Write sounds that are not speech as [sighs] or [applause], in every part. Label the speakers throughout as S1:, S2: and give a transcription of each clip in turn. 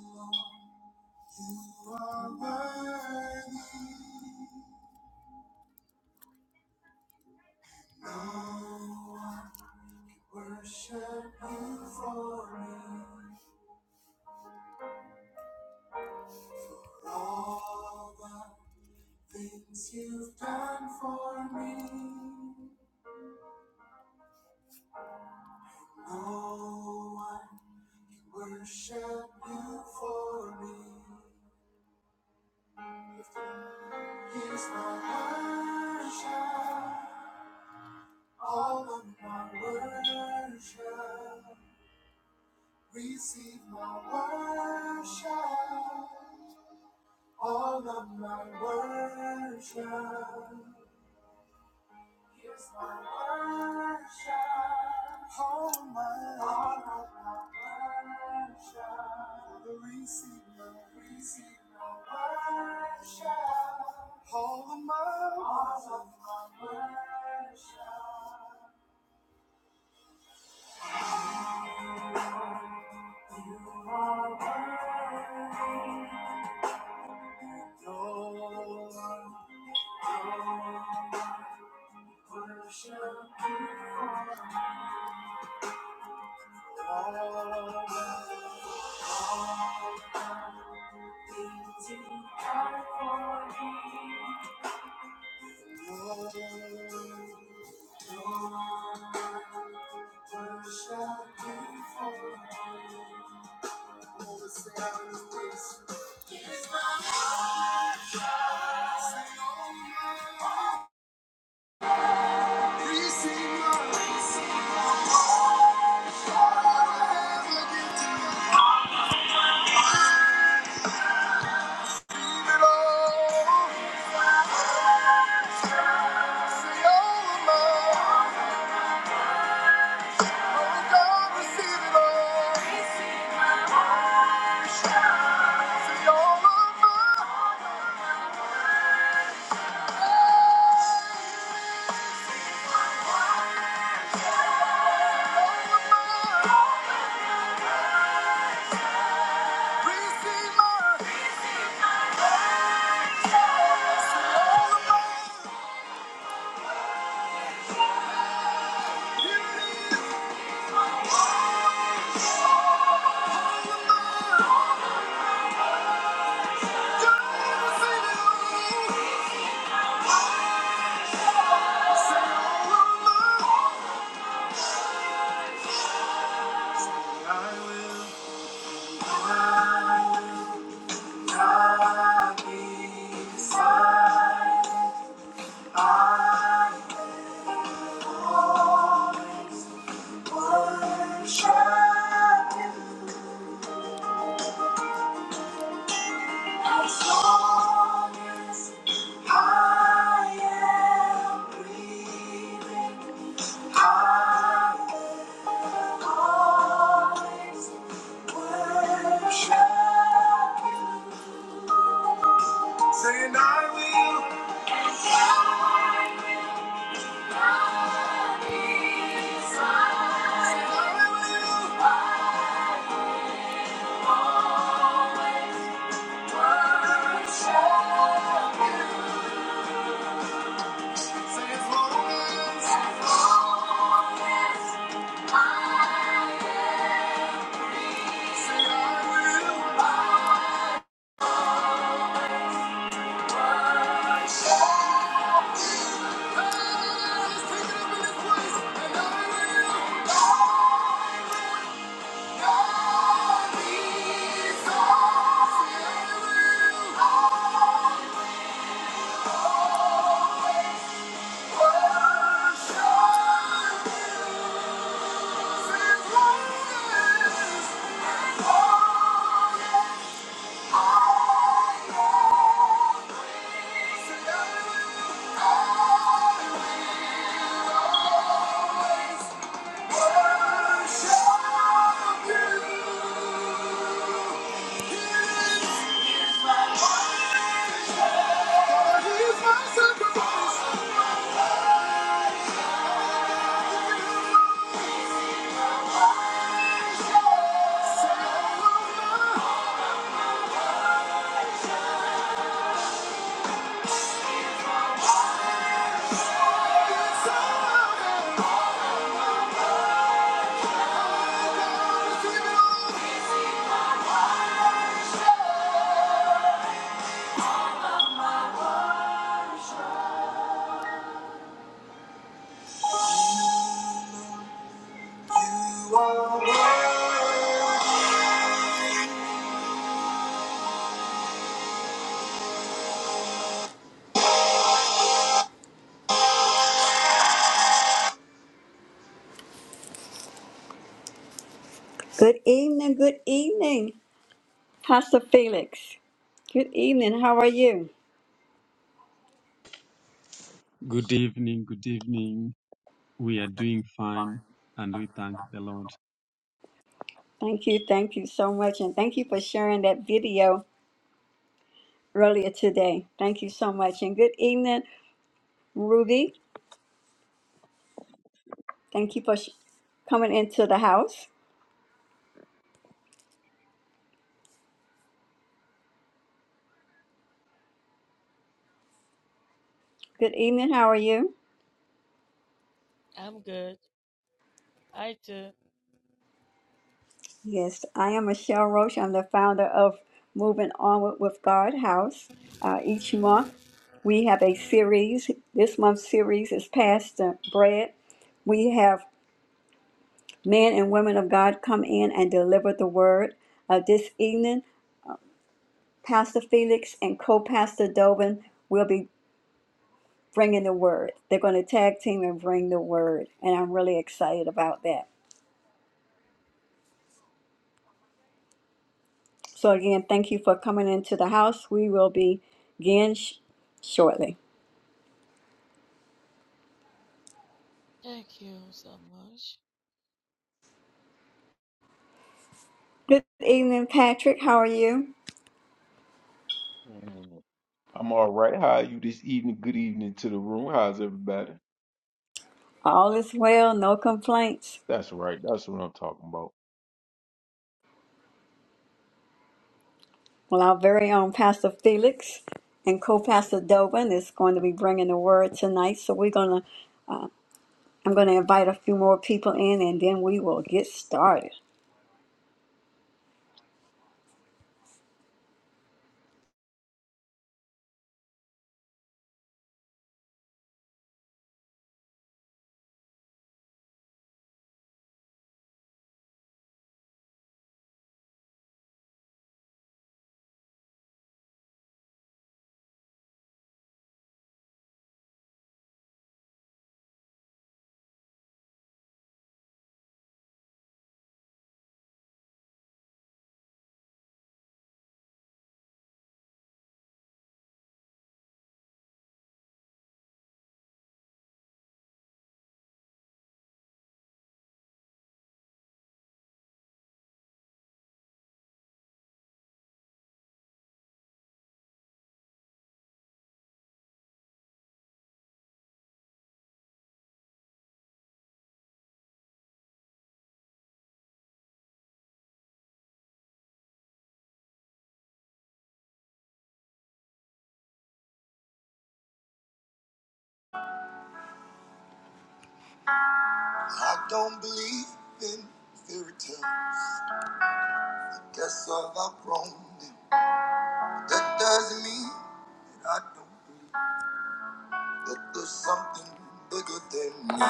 S1: You are worthy, Lord. Worship you for me. All the things you've done for me. No one can worship you for me. Here's my worship, all of my worship. Receive my worship, all of my worship. Here's my worship, all my, all of my worship. Father, receive my, receive my worship, all of my, all of my worship. You are worthy. No one no one worship you for All, things you have for me. No, no one worship you for all, the sound of this. Yes, my heart. Worship you as long as I am breathing. I will always worship you. Saying I will. Good evening, good evening. Pastor Felix, good evening. How are you?
S2: Good evening, good evening. We are doing fine and we thank the Lord.
S1: Thank you. Thank you so much. And thank you for sharing that video earlier today. Thank you so much. And good evening, Ruby. Thank you for sh- coming into the house. Good evening. How are you?
S3: I'm good. I too.
S1: Yes, I am Michelle Roche. I'm the founder of Moving Onward with God House. Uh, each month, we have a series. This month's series is Pastor Bread. We have men and women of God come in and deliver the word. Uh, this evening, Pastor Felix and co pastor Dovin will be bringing the word. They're going to tag team and bring the word, and I'm really excited about that. So, again, thank you for coming into the house. We will begin sh- shortly.
S3: Thank you so much.
S1: Good evening, Patrick. How are you?
S4: Mm. I'm all right. How are you this evening? Good evening to the room. How's everybody?
S1: All is well, no complaints.
S4: That's right. That's what I'm talking about.
S1: Well, our very own Pastor Felix and co pastor Dovin is going to be bringing the word tonight, so we're going to. I'm going to invite a few more people in and then we will get started. I don't believe in fairy tales. Guess I've outgrown them. That doesn't mean that I don't believe that there's something bigger than me.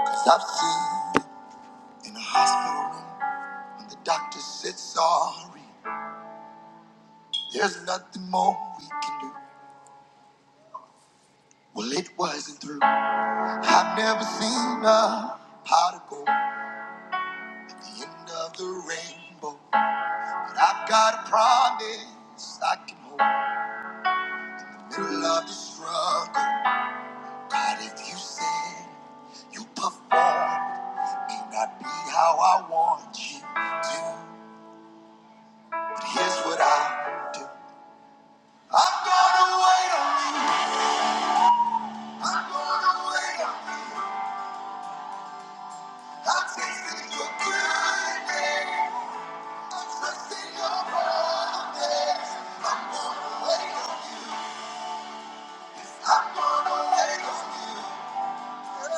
S1: Cause I've seen it in a hospital room when the doctor said sorry. There's nothing more we can do. Well, it wasn't through. I've never seen a pot of gold at the end of the rainbow. I've got a promise I can hold. Middle of the struggle, God, if you said you performed, may not be how I want you to. But here's what I do. I'm gonna wait on you. I'm gonna wait on you. I'm tasting your goodness. I'm trusting your promise. I'm gonna wait on you. I'm gonna wait on you. There's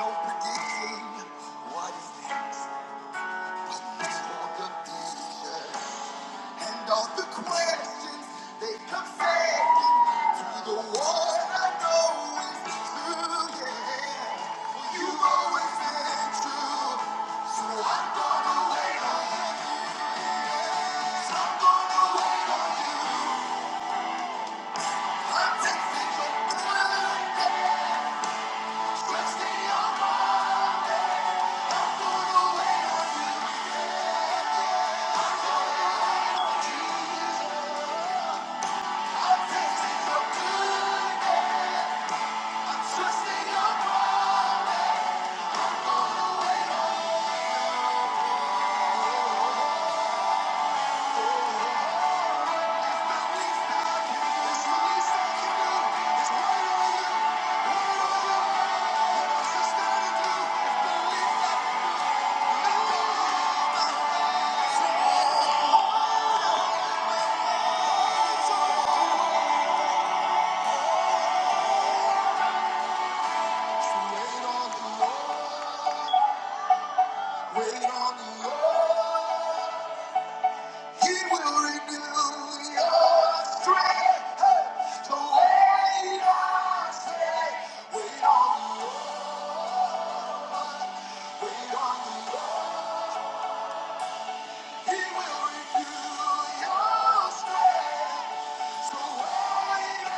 S1: no predicting what is next. It's for the future. And all the questions they come second to the one I know is true. Yeah, well, you've always been true. So I'm gonna wait on you. So I'm gonna wait on you. I'm tasting your blood and trusting your heart. I'm gonna wait on you. Jesus, I'm tasting your blood and I'm trusting your heart. Wait on the Lord. He will renew your strength. So wait on, say, wait on the Lord. Wait on the Lord. He will renew your strength. So wait on.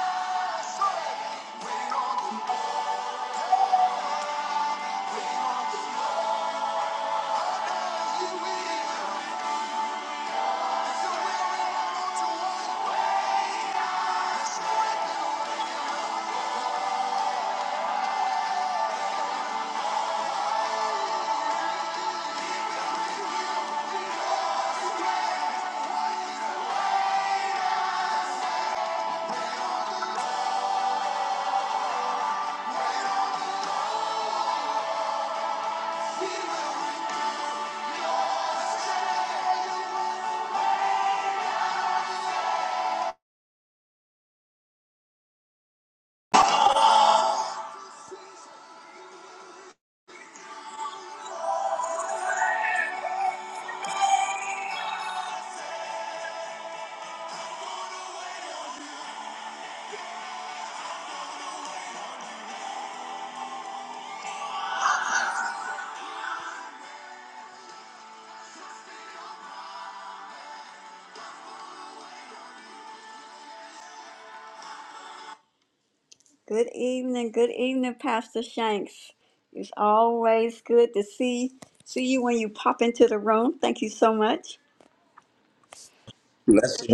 S1: Good evening, good evening, Pastor Shanks. It's always good to see see you when you pop into the room. Thank you so much.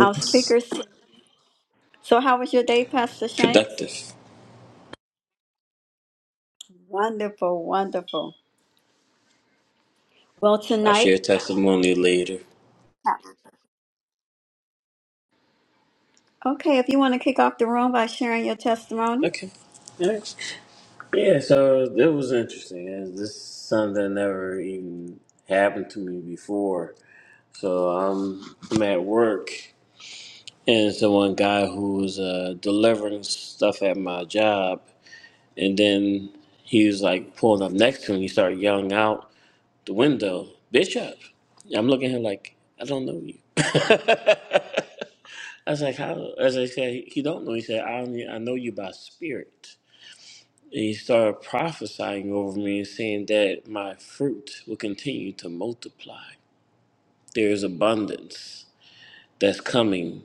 S1: Our speakers. So, how was your day, Pastor Shanks?
S5: productive.
S1: Wonderful, wonderful. Well,
S5: I'll
S1: tonight,
S5: share a testimony later.
S1: okay, if you want to kick off the room by sharing your testimony,
S5: Okay. All right. Yeah, so it was interesting. Uh, This is something that never even happened to me before. So I'm, I'm at work, and so one guy who was uh, delivering stuff at my job, and then he was like pulling up next to me. He started yelling out the window, "Bishop!" I'm looking at him like I don't know you. [laughs] I was like, how? As I said, he don't know. He said, I only, I know you by spirit. And he started prophesying over me and saying that my fruit will continue to multiply. There is abundance that's coming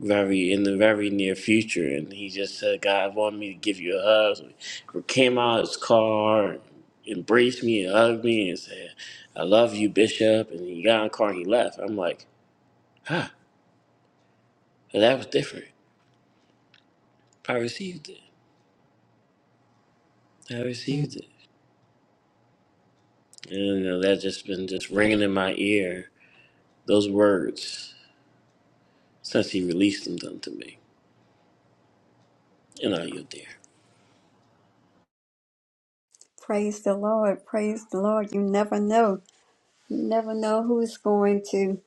S5: very in the very near future. And he just said, God wanted me to give you a hug. So he came out of his car, embraced me and hugged me and said, I love you, Bishop. And he got in the car and he left. I'm like, huh, that was different. I received it. I received it. You know, that's just been just ringing in my ear, those words, since he released them unto me. And I yield there.
S1: praise the Lord, praise the Lord. You never know. You never know who's going to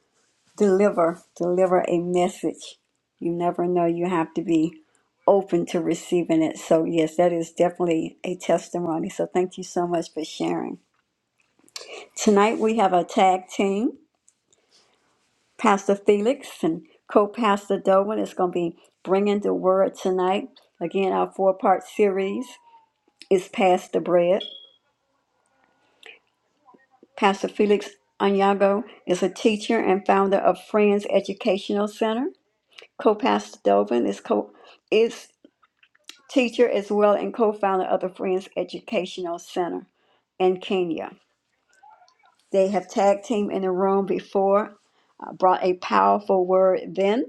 S1: deliver deliver a message. You never know. You have to be open to receiving it. So yes, that is definitely a testimony. So thank you so much for sharing. Tonight we have a tag team. Pastor Felix and co-pastor Dolan is going to be bringing the word tonight. Again, our four-part series is Pass the Bread. Pastor Felix Anyago is a teacher and founder of Friends Educational Center. Co-pastor Dovin is co is teacher as well and co-founder of the Friends Educational Center in Kenya. They have tag team in the room before, uh, brought a powerful word then,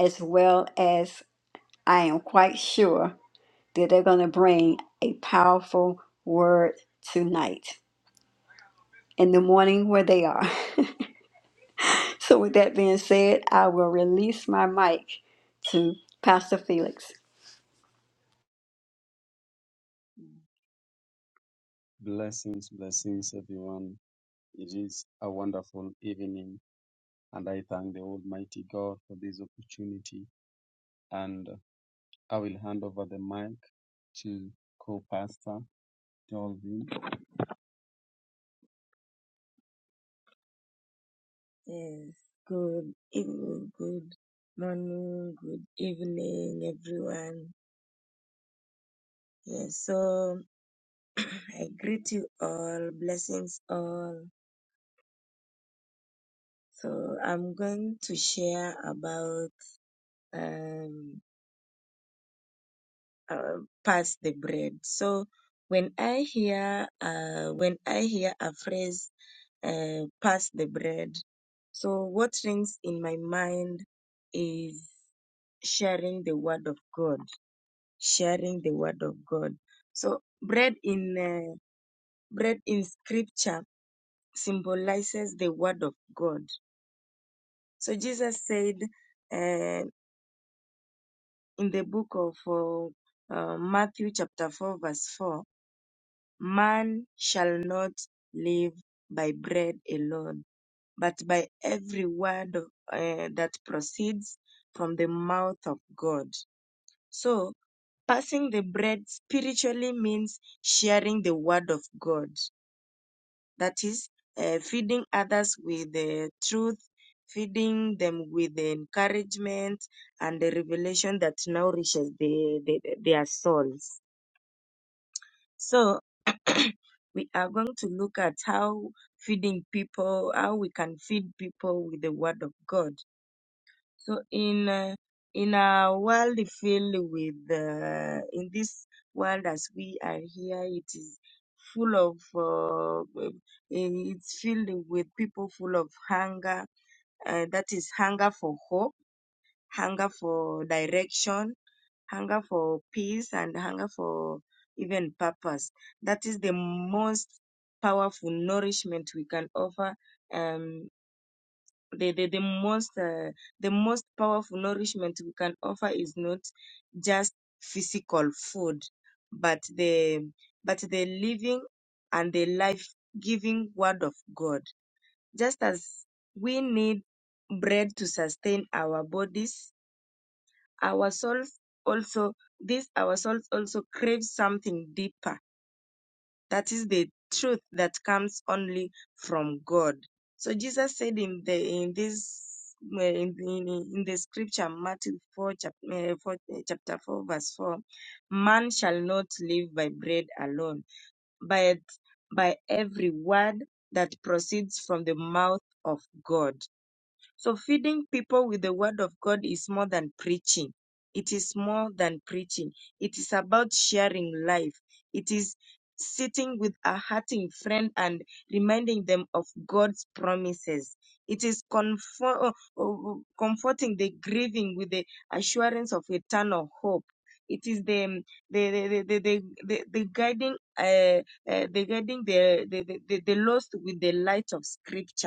S1: as well as I am quite sure that they're going to bring a powerful word tonight in the morning where they are. [laughs] So with that being said, I will release my mic to Pastor Felix.
S2: Blessings, blessings, everyone. It is a wonderful evening and I thank the Almighty God for this opportunity. And I will hand over the mic to co pastor Dolvin. Yes, good evening, good morning, good evening, everyone. Yes, so [clears throat] I greet you all, blessings all. So I'm going to share about um, uh, pass the bread. So when I hear uh, when I hear a phrase uh, pass the bread, so what rings in my mind is sharing the word of God, sharing the word of God. So bread in uh, bread in scripture symbolizes the word of God. So Jesus said. uh, in the book of uh, uh, Matthew, chapter 4, verse 4, man shall not live by bread alone, but by every word of- eh, that proceeds from the mouth of God. So, passing the bread spiritually means sharing the word of God that is uh, feeding others with the truth feeding them with the encouragement and the revelation that nourishes the, the, their souls so [clears throat] we are going to look at how feeding people how we can feed people with the word of god so in uh, in a world filled with uh, in this world as we are here, it is full of uh, um, it's filled with people full of hunger. Uh, that is hunger for hope, hunger for direction, hunger for peace, and hunger for even purpose. That is the most powerful nourishment we can offer. Um, the, the, the most uh, the most powerful nourishment we can offer is not just physical food but the but the living and the life giving word of god just as we need bread to sustain our bodies our souls also this our souls also crave something deeper that is the truth that comes only from God. So Jesus said in the in this uh, in, in, in the scripture Matthew 4 chapter, 4 uh, chapter 4 verse 4 man shall not live by bread alone but by every word that proceeds from the mouth of God so feeding people with the word of God is more than preaching. It is more than preaching. It is about sharing life. It is sitting with a hurting friend and reminding them of God's promises. It is comfort, comforting the grieving with the assurance of eternal hope. It is the um, the the the the, the, the guiding uh, uh, the guiding the the, the the the lost with the light of Scripture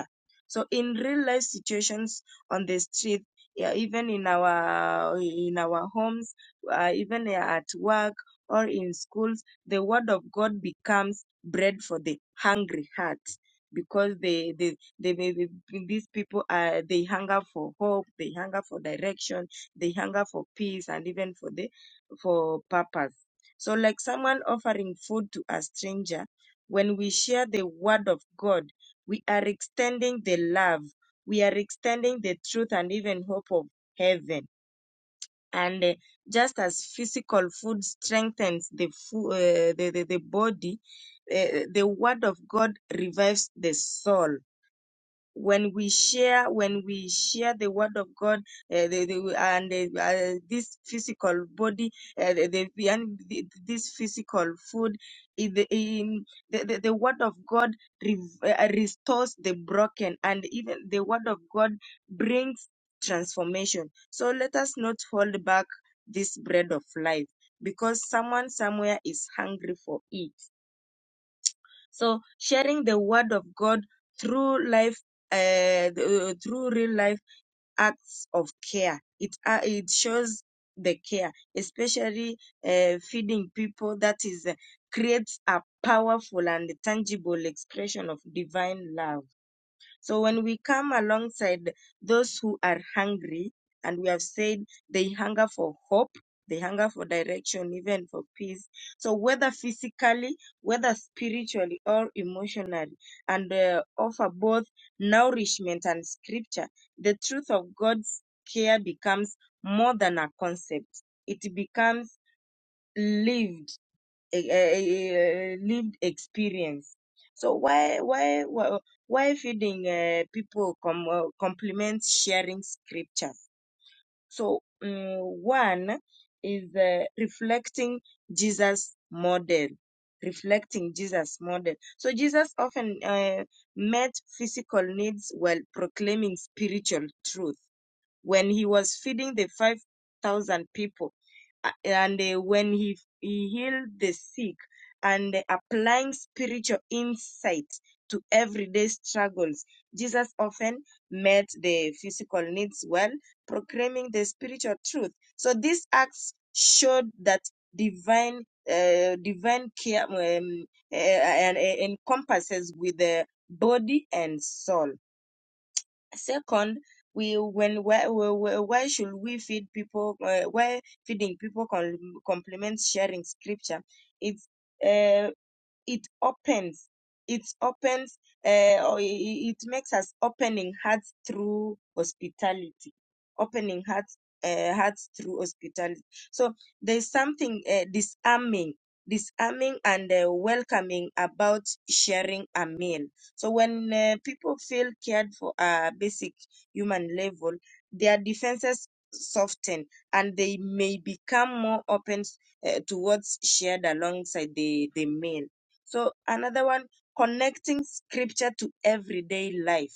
S2: so in real life situations on the street, yeah, even in our in our homes, uh, even at work or in schools, the word of God becomes bread for the hungry heart because they they, they may be, these people are they hunger for hope, they hunger for direction, they hunger for peace, and even for the for purpose. So like someone offering food to a stranger, when we share the word of God we are extending the love. We are extending the truth and even hope of heaven. And uh, just as physical food strengthens the, fu- uh, the, the, the body, uh, the word of God revives the soul when we share when we share the word of god uh, the, the, and uh, uh, this physical body uh, the, the, and the- this physical food in the, in the, the, the word of god re- uh, restores the broken and even the word of god brings transformation so let us not hold back this bread of life because someone somewhere is hungry for it so sharing the word of God through life, uh, th- uh, through real life acts of care. It uh, it shows the care, especially uh, feeding people. That is uh, creates a powerful and tangible expression of divine love. So when we come alongside those who are hungry, and we have said they hunger for hope, they hunger for direction, even for peace. So whether physically, whether spiritually or emotionally, and uh, offer both nourishment and scripture, the truth of God's care becomes more than a concept. It becomes lived a, a- a lived experience. So why why why, why feeding uh, people com- uh, complements sharing scriptures? So mm one is uh, reflecting Jesus' model, reflecting Jesus' model. So Jesus often uh, met physical needs while proclaiming spiritual truth when he was feeding the 5,000 people uh, and uh, when he, he healed the sick and uh, applying spiritual insight to everyday struggles. Jesus often met the physical needs well, proclaiming the spiritual truth. So these acts showed that divine uh, divine care um, uh, and, and encompasses with the body and soul second we when where, where, where where should we feed people uh, where feeding people com- complements sharing scripture it's uh, it opens it opens uh, or i- it makes us opening hearts through hospitality opening hearts uh, hearts through hospitality so there's something uh, disarming disarming and uh, welcoming about sharing a meal so when uh, people feel cared for a basic human level their defenses soften and they may become more open uh, towards shared alongside the the meal so another one, connecting scripture to everyday life.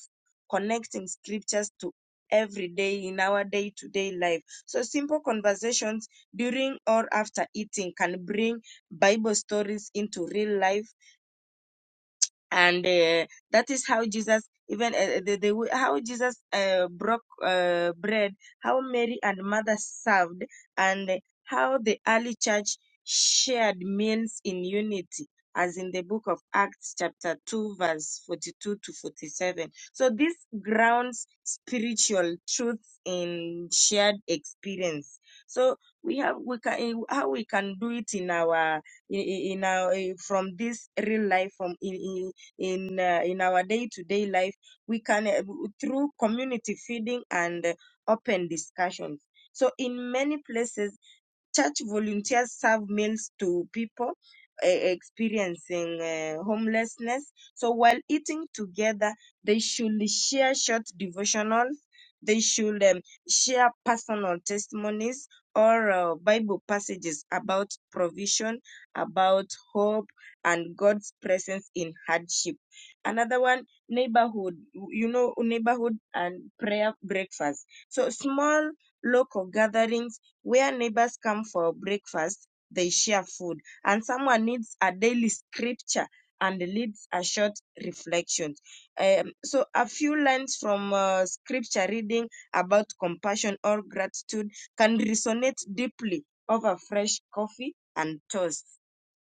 S2: Connecting scriptures to everyday in our day to day life. So simple conversations during or after eating can bring Bible stories into real life and uh, that is how jesus even uh, the, the way- how jesus uh, broke uh, bread how mary and mother served and how the early church shared meals in unity as in the book of acts chapter 2 verse 42 to 47 so this grounds spiritual truths in shared experience so we have we can how we can do it in our in, in in our eh, from this real life from in, in in uh, in our day-to-day life we can uh, through community feeding and uh, open discussions so in many places Church volunteers serve meals to people uh, experiencing uh, homelessness. So while eating together, they should share short devotionals. They should um, share personal testimonies or uh, Bible passages about provision, about hope, and God's presence in hardship. Another one, neighborhood, you know, neighborhood and prayer breakfast. So small local gatherings where neighbors come for breakfast, they share food, and someone needs a daily scripture and leads a short reflection. Um, so, a few lines from uh, scripture reading about compassion or gratitude can resonate deeply over fresh coffee and toast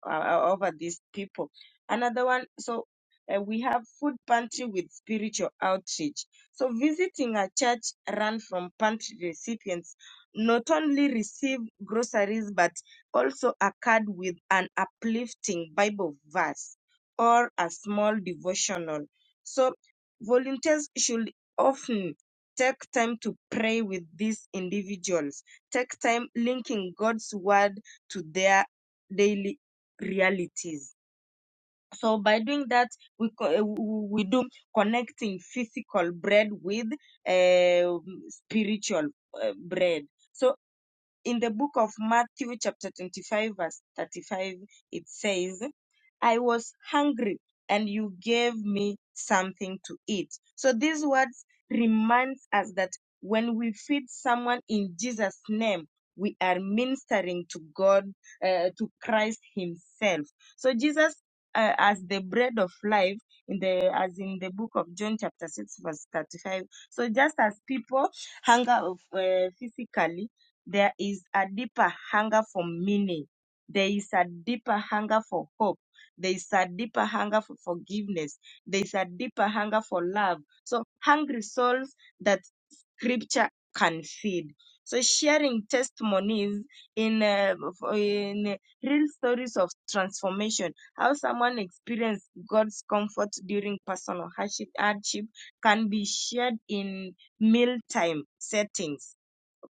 S2: uh, uh, over these people. Another one, so uh, we have food pantry with spiritual outreach. So, visiting a church run from pantry recipients not only received groceries but also a card with an uplifting Bible verse or a small devotional. So, volunteers should often take time to pray with these individuals, take time linking God's word to their daily realities. So, by doing that, we, co- eh, we we do connecting physical bread with eh, spiritual eh, bread. So in the book of Matthew, chapter 25, verse 35, it says, I was hungry and you gave me something to eat. So these words reminds us that when we feed someone in Jesus' name, we are ministering to God, uh, to Christ Himself. So Jesus, uh, as the bread of life, in the as in the book of John, chapter six, verse thirty-five. So just as people hunger of, uh, physically, there is a deeper hunger for meaning. There is a deeper hunger for hope. There is a deeper hunger for forgiveness. There is a deeper hunger for love. So, hungry souls that scripture can feed. So, sharing testimonies in, uh, f- in real stories of transformation, how someone experienced God's comfort during personal hardship, hardship can be shared in mealtime settings.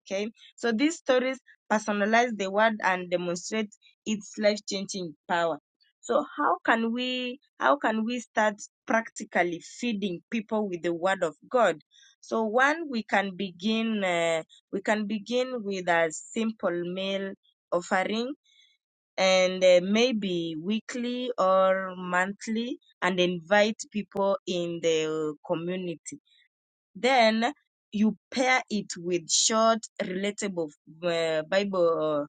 S2: Okay so these stories personalize the word and demonstrate its life-changing power. So how can we how can we start practically feeding people with the word of God? So one we can begin uh, we can begin with a simple meal offering and uh, maybe weekly or monthly and invite people in the community then you pair it with short, relatable uh, Bible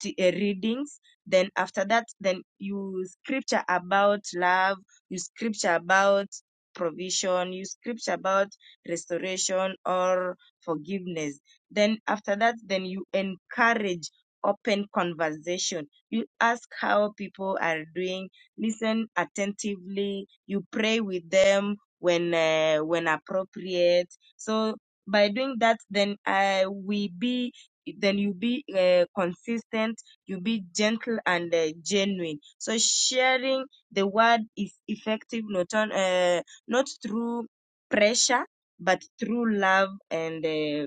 S2: t- uh, readings. Then after that, then you scripture about love, you scripture about provision, you scripture about restoration or forgiveness. Then after that, then you encourage open conversation. You ask how people are doing, listen attentively, you pray with them, when uh, when appropriate. So by doing that, then I we be then you be uh, consistent, you be gentle and uh, genuine. So sharing the word is effective not on uh, not through pressure but through love and uh,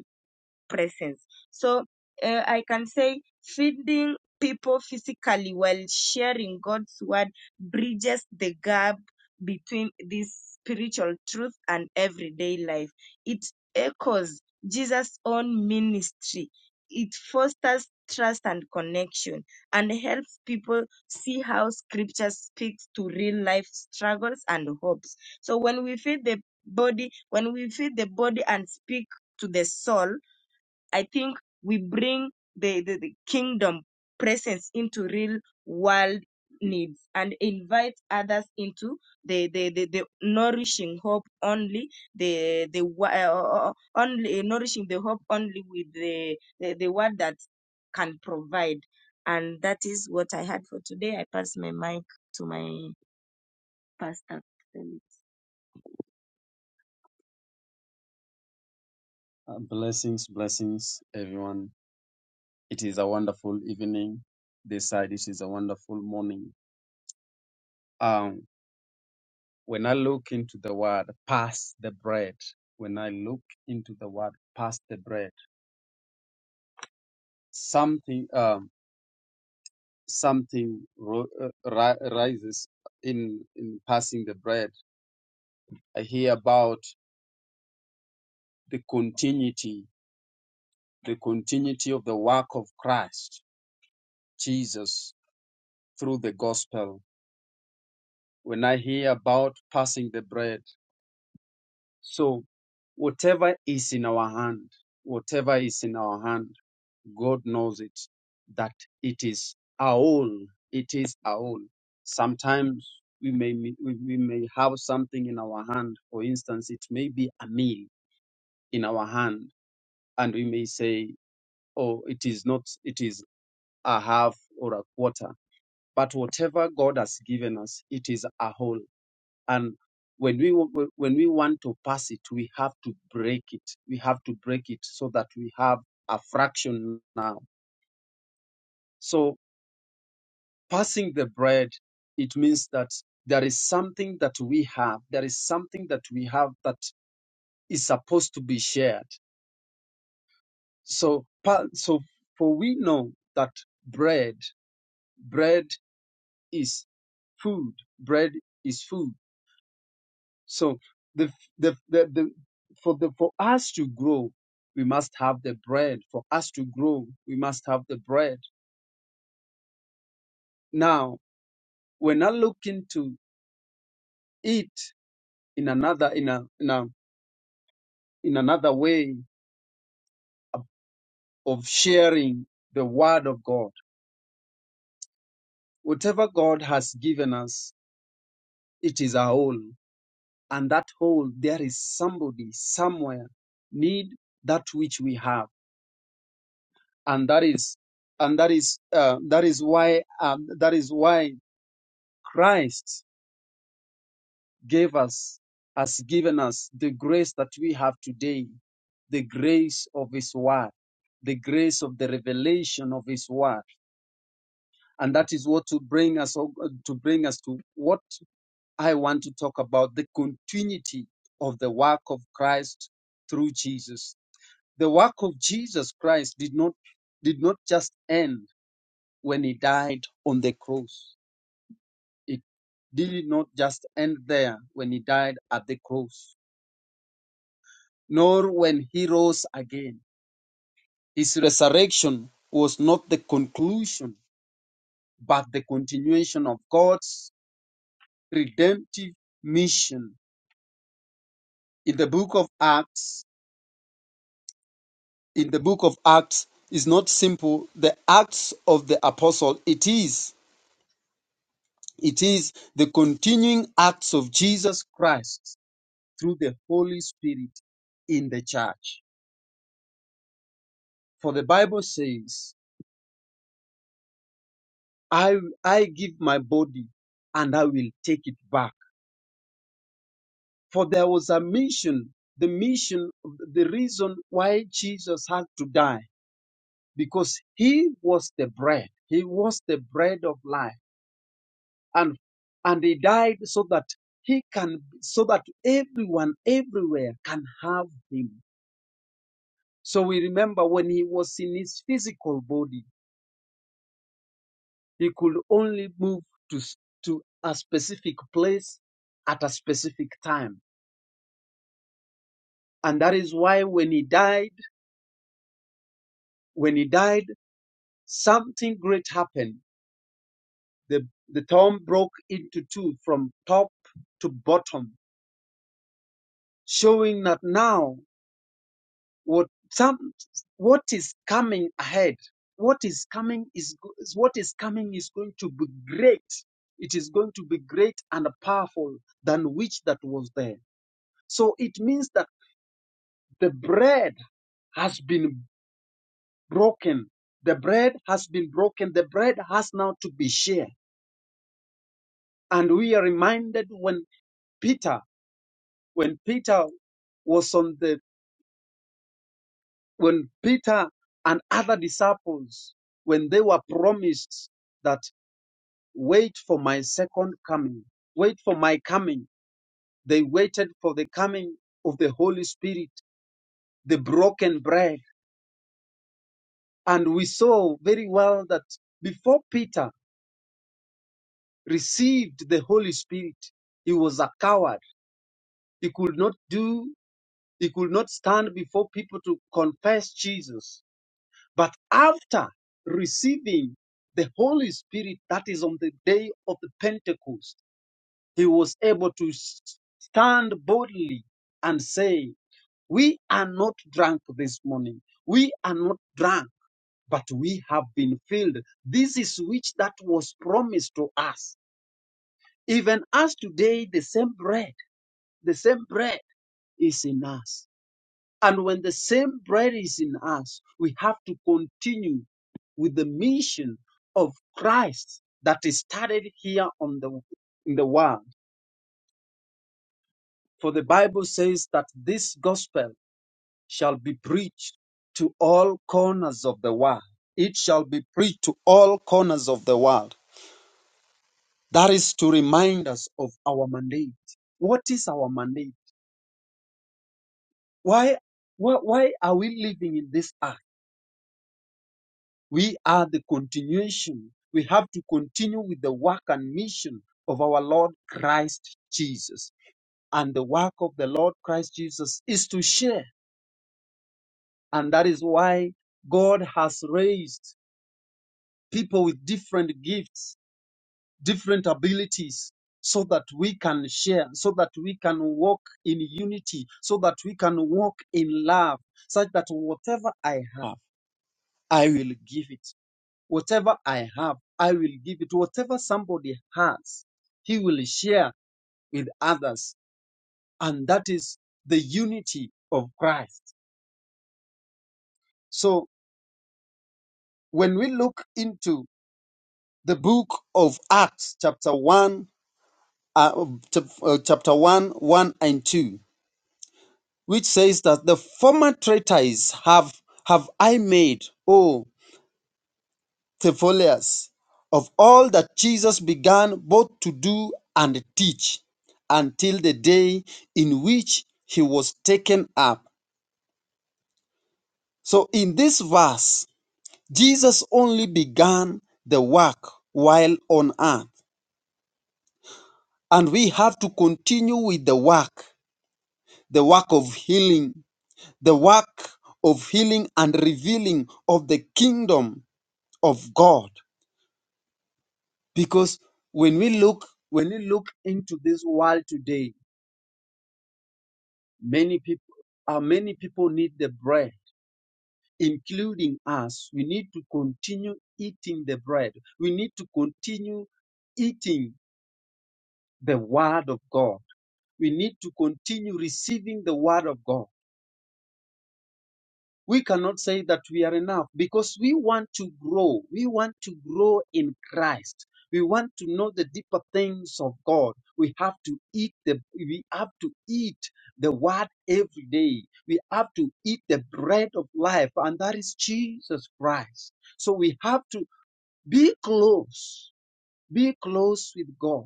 S2: presence. So uh, I can say feeding people physically while sharing God's word bridges the gap between this spiritual truth and everyday life. It echoes Jesus' own ministry. It fosters trust and connection and helps people see how scripture speaks to real life struggles and hopes. So when we feed the body, when we feed the body and speak to the soul, I think we bring the, the, the kingdom presence into real world needs and invite others into the the, the, the nourishing hope only the the wo- uh, uh, uh, uh, only uh, nourishing the hope only with the, the the word that can provide and that is what i had for today i pass my mic to my pastor Uh, blessings, blessings, everyone. It is a wonderful evening. This side, it is a wonderful morning. Um, when I look into the word pass the bread, when I look into the word pass the bread, something um, something ro- uh, ri- rises in in passing the bread. I hear about the continuity, the continuity of the work of Christ Jesus through the gospel. When I hear about passing the bread, so whatever is in our hand, whatever is in our hand God knows it, that it is our own. It is our own. Sometimes we may we, we may have something in our hand. For instance, it may be a meal in our hand, and we may say, "Oh, it is not. It is a half or a quarter." But whatever God has given us, it is a whole. And when we wa- when we want to pass it, we have to break it. We have to break it so that we have a fraction now. So passing the bread, it means that there is something that we have. There is something that we have that is supposed to be shared. So, pa- so for we know that bread, bread is food. Bread is food. So the, the, the, the, for the, for us to grow, we must have the bread. For us to grow, we must have the bread. Now, we're not looking to eat in another, in a, in a, in another way of sharing the word of God. Whatever God has given us, it is our own. And that whole, there is somebody somewhere need that which we have. And that is, and that is, uh, that is why, um, that is why Christ gave us, has given us the grace that we have today, the grace of his word, the grace of the revelation of his word and that is what to bring us to bring us to what I want to talk about the continuity of the work of Christ through Jesus. The work of Jesus Christ did not did not just end when he died on the cross. It did not just end there when he died at the cross, nor when he rose again. His resurrection was not the conclusion, but the continuation of God's redemptive mission. In the book of Acts, in the book of Acts is not simple the acts of the apostle. It is. It is the continuing acts of Jesus Christ through the Holy Spirit in the church. For the Bible says, I, I give my body and I will take it back. For there was a mission, the mission, the reason why Jesus had to die, because he was the bread. He was the bread of life and and he died so that he can so that everyone everywhere can have him so we remember when he was in his physical body he could only move to s- to a specific place at a specific time and that is why when he died when he died something great happened the the tomb broke into two from top to bottom showing that now what some what is coming ahead what is coming is go- is- what is coming is going to be great it is going to be great and powerful than which that was there so it means that the bread has been broken the bread has been broken the bread has now to be shared and we are reminded when peter when peter was on the when peter and other disciples when they were promised that wait for my second coming. Wait for my coming. They waited for the coming of the Holy Spirit, the broken bread. And we saw very well that before Peter received the Holy Spirit, he was a coward. He could not do, he could not stand before people to confess Jesus. But after receiving the Holy Spirit, that is on the day of the Pentecost, he was able to stand boldly and say, We are not drunk this morning. We are not drunk, but we have been filled. This is which that was promised to us. Even as today, the same bread, the same bread is in us. And when the same bread is in us, we have to continue with the mission of Christ that is started here on the in the world. For the Bible says that this gospel shall be preached to all corners of the world. It shall be preached to all corners of the world. That is to remind us of our mandate. What is our mandate? Why, why, why are we living in this earth? We are the continuation. We have to continue with the work and mission of our Lord Christ Jesus. And the work of the Lord Christ Jesus is to share And that is why God has raised people with different gifts, different abilities, so that we can share, so that we can walk in unity, so that we can walk in love, such that whatever I have, I will give it. Whatever I have, I will give it. Whatever somebody has, he will share with others. And that is the unity of Christ. So when we look into The book of Acts, chapter 1, uh, chap- uh, chapter 1, 1 and 2, which says that the former traitors have, have I made, O Theophilus, of all that Jesus began both to do and teach until the day in which he was taken up. So in this verse, Jesus only began the work while on earth, and we have to continue with the work the work of healing, the work of healing and revealing of the kingdom of God. Because when we look, when we look into this world today, many people, uh, many people need the bread, including us. We need to continue eating the bread. We need to continue eating the word of God. We need to continue receiving the word of God we cannot say that we are enough because we want to grow. We want to grow in Christ. We want to know the deeper things of God. We have to eat the we have to eat the word every day. We have to eat the bread of life, and that is Jesus Christ. So we have to be close, be close with God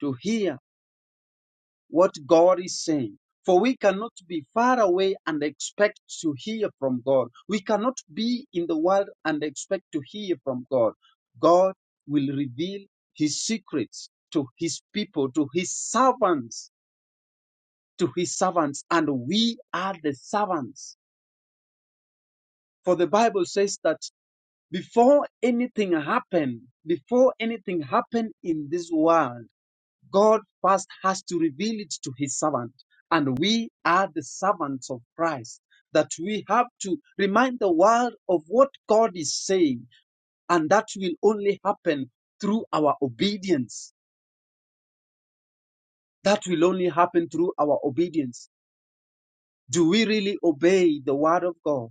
S2: to hear what God is saying. For we cannot be far away and expect to hear from God. We cannot be in the world and expect to hear from God. God will reveal his secrets to his people, to his servants, to his servants, and we are the servants. For the Bible says that before anything happened, before anything happened in this world, God first has to reveal it to his servant. And we are the servants of Christ, that we have to remind the world of what God is saying. And that will only happen through our obedience. That will only happen through our obedience. Do we really obey the word of God?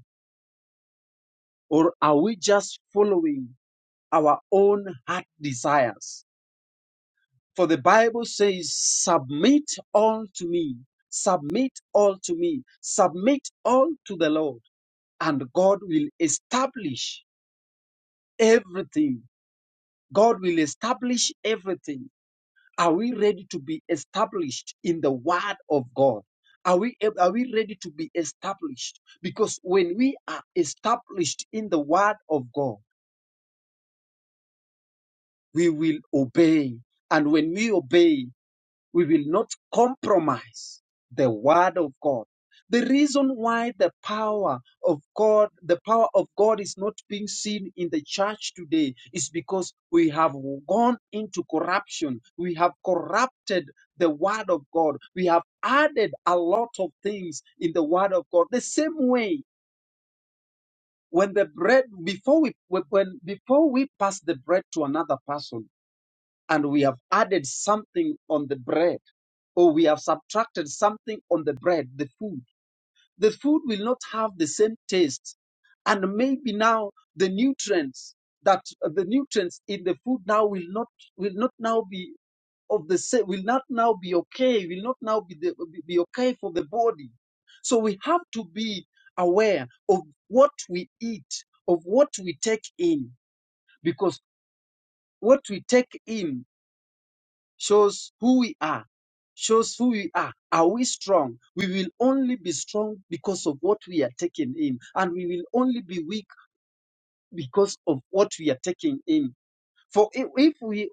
S2: Or are we just following our own heart desires? For the Bible says, Submit all to me, submit all to me, submit all to the Lord, and God will establish everything. God will establish everything. Are we ready to be established in the word of God? Are we, are we ready to be established? Because when we are established in the word of God, we will obey. And when we obey, we will not compromise the word of God. The reason why the power of God, the power of God is not being seen in the church today is because we have gone into corruption. We have corrupted the word of God. We have added a lot of things in the word of God. The same way when the bread, before we, when, before we pass the bread to another person, and we have added something on the bread, or we have subtracted something on the bread, the food, the food will not have the same taste. And maybe now the nutrients that the nutrients in the food now will not will not now be of the same will not now be okay will not now be the, be be okay for the body so we have to be aware of what we eat of what we take in because what we take in shows who we are. Shows who we are. Are we strong? We will only be strong because of what we are taking in, and we will only be weak because of what we are taking in. For if, if we,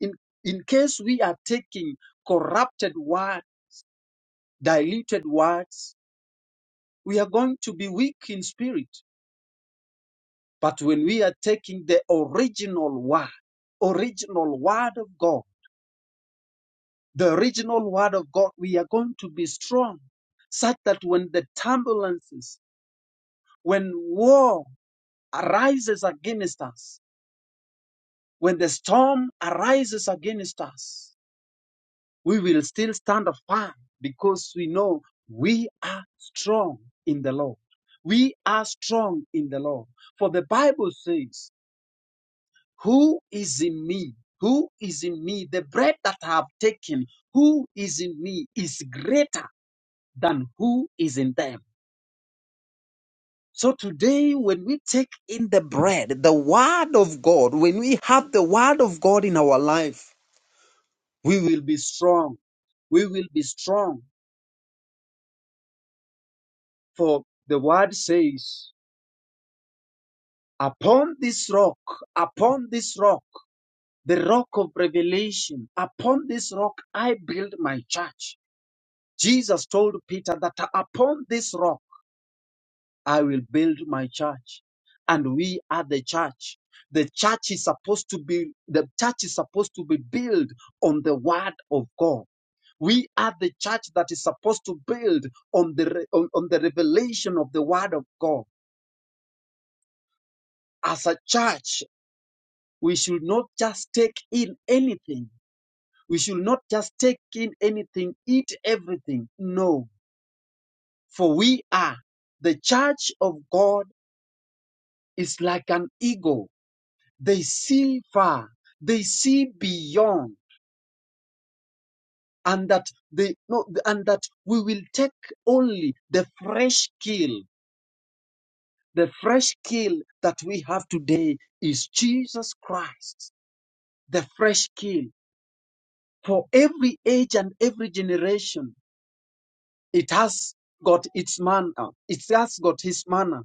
S2: in, in case we are taking corrupted word, diluted words, we are going to be weak in spirit. But when we are taking the original word, original word of God, The original word of God, we are going to be strong such that when the turbulences, when war arises against us, when the storm arises against us, we will still stand firm because we know we are strong in the Lord. We are strong in the Lord. For the Bible says, Who is in me? Who is in me? The bread that I have taken, who is in me is greater than who is in them. So today, when we take in the bread, the word of God, when we have the word of God in our life, we will be strong. We will be strong. For the word says, upon this rock, upon this rock, the rock of revelation, upon this rock I build my church. Jesus told Peter that upon this rock, I will build my church. And we are the church. The church is supposed to be the church is supposed to be built on the word of God. We are the church that is supposed to build on the re- on, on the revelation of the word of God. As a church, we should not just take in anything. We should not just take in anything, eat everything. No, for we are the church of God is like an eagle They see far. They see beyond. And that they no, and that we will take only the fresh kill. The fresh kill that we have today is Jesus Christ. The fresh kill for every age and every generation. It has got its manner. It has got his manner.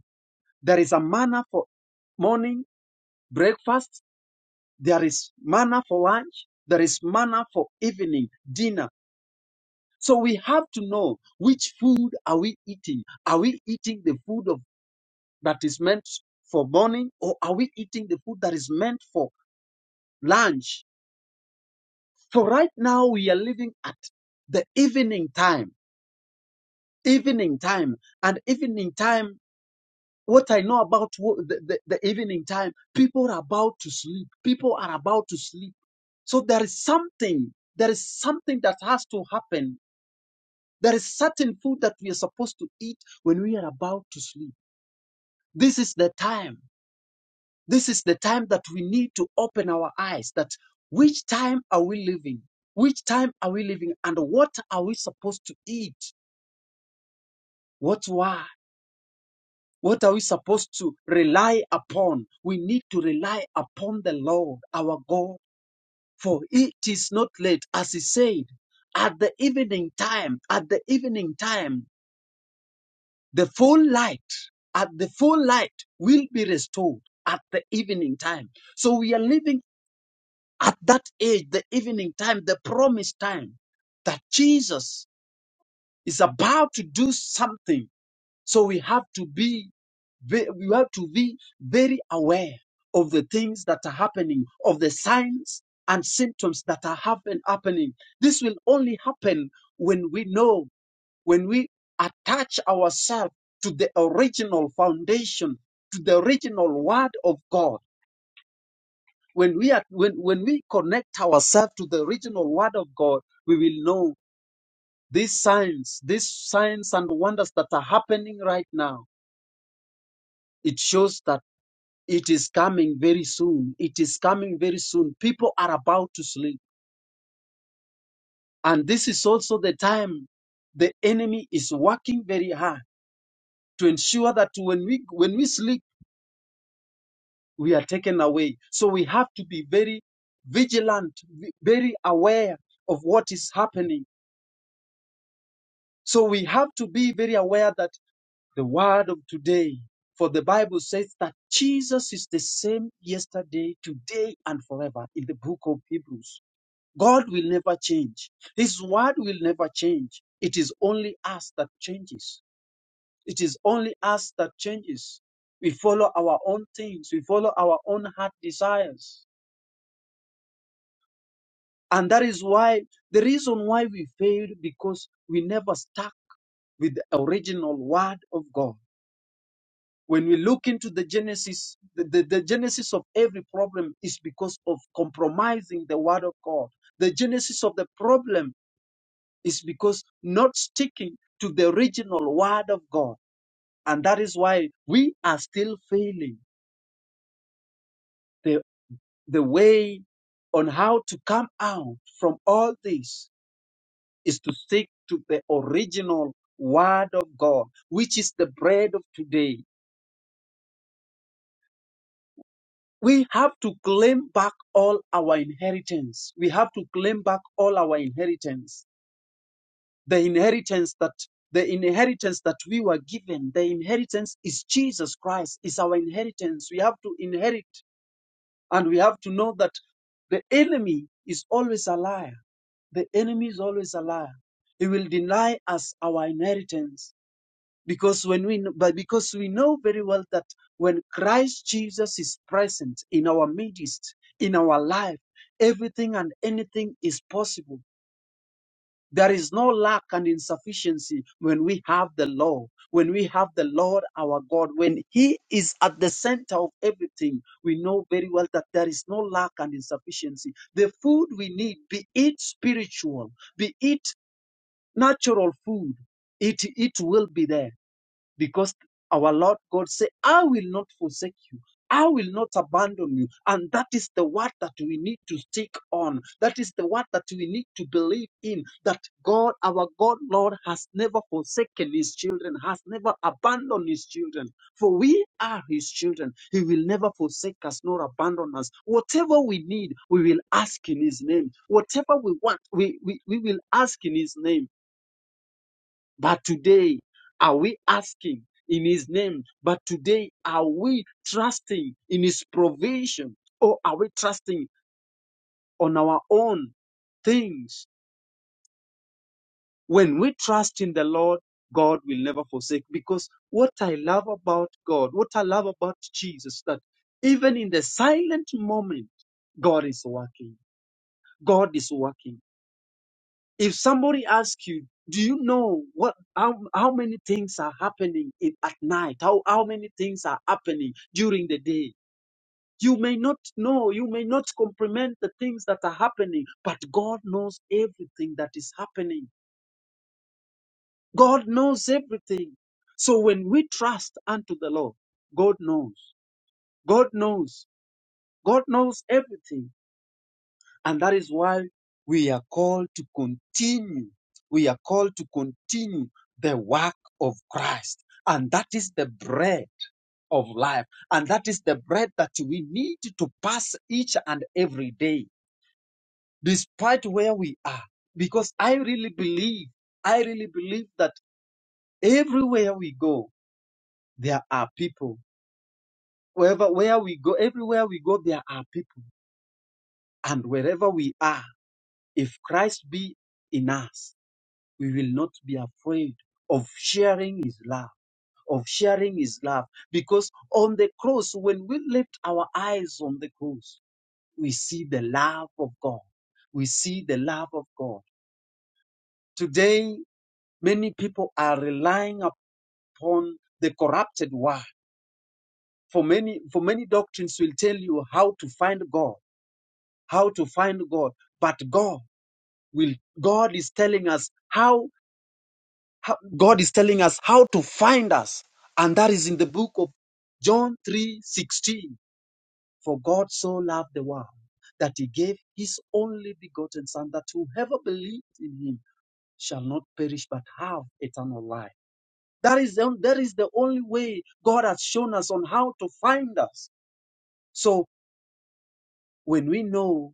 S2: There is a manner for morning, breakfast. There is manner for lunch. There is manner for evening, dinner So we have to know which food are we eating? Are we eating the food of that is meant for morning or are we eating the food that is meant for lunch? So right now we are living at the evening time, evening time and evening time. What I know about wo- the, the, the evening time, people are about to sleep. People are about to sleep. So there is something, there is something that has to happen. There is certain food that we are supposed to eat when we are about to sleep. This is the time. This is the time that we need to open our eyes that which time are we living? Which time are we living? And what are we supposed to eat? What why? What are we supposed to rely upon? We need to rely upon the Lord, our God, for it is not late, as he said, at the evening time, at the evening time, the full light, at the full light will be restored at the evening time. So we are living At that age, the evening time, the promised time, that Jesus is about to do something. So we have to be, ve- we have to be very aware of the things that are happening, of the signs and symptoms that are happen, happening. This will only happen when we know, when we attach ourselves to the original foundation, to the original word of God when we are when, when we connect ourselves to the original word of god we will know these signs these signs and wonders that are happening right now it shows that it is coming very soon it is coming very soon people are about to sleep and this is also the time the enemy is working very hard to ensure that when we when we sleep we are taken away so we have to be very vigilant ve- very aware of what is happening So we have to be very aware that the word of today, for the Bible says that Jesus is the same yesterday, today, and forever in the book of Hebrews. God will never change. His word will never change. It is only us that changes. It is only us that changes. We follow our own things. We follow our own heart desires. And that is why the reason why we failed because we never stuck with the original word of God. When we look into the genesis, the, the, the genesis of every problem is because of compromising the word of God. The genesis of the problem is because not sticking to the original word of God. And that is why we are still failing the, the way on how to come out from all this is to stick to the original word of God, which is the bread of today we have to claim back all our inheritance. We have to claim back all our inheritance. The inheritance that the inheritance that we were given, the inheritance is Jesus Christ, is our inheritance. We have to inherit and we have to know that the enemy is always a liar. The enemy is always a liar. He will deny us our inheritance because when we kn- but because we know very well that when Christ Jesus is present in our midst in our life everything and anything is possible there is no lack and insufficiency when we have the law when we have the lord our god when he is at the center of everything we know very well that there is no lack and insufficiency the food we need be it spiritual be it natural food it it will be there because our Lord God said, I will not forsake you. I will not abandon you. And that is the word that we need to stick on. That is the word that we need to believe in. That God, our God, Lord, has never forsaken his children, has never abandoned his children. For we are his children. He will never forsake us nor abandon us. Whatever we need, we will ask in his name. Whatever we want, we, we, we will ask in his name but today, are we asking in His name? But today, are we trusting in His provision? Or are we trusting on our own things? When we trust in the Lord, God will never forsake. Because what I love about God, what I love about Jesus, that even in the silent moment, God is working. God is working. If somebody asks you, do you know what how, how many things are happening in, at night? How how many things are happening during the day? You may not know, you may not comprehend the things that are happening, but God knows everything that is happening. God knows everything. So when we trust unto the Lord, God knows. God knows. God knows everything. And that is why we are called to continue. We are called to continue the work of Christ. And that is the bread of life. And that is the bread that we need to pass each and every day, despite where we are. Because I really believe, I really believe that everywhere we go, there are people. Wherever, where we go, everywhere we go, there are people. And wherever we are, if Christ be in us, we will not be afraid of sharing his love, of sharing his love. Because on the cross, when we lift our eyes on the cross, we see the love of God. We see the love of God. Today, many people are relying upon the corrupted word. For many, for many doctrines will tell you how to find God, how to find God. But God will, God is telling us how How- God is telling us how to find us, and that is in the book of John 3:16. For God so loved the world that he gave his only begotten son that whoever believes in him shall not perish but have eternal life. That is the, that is the only way God has shown us on how to find us. So when we know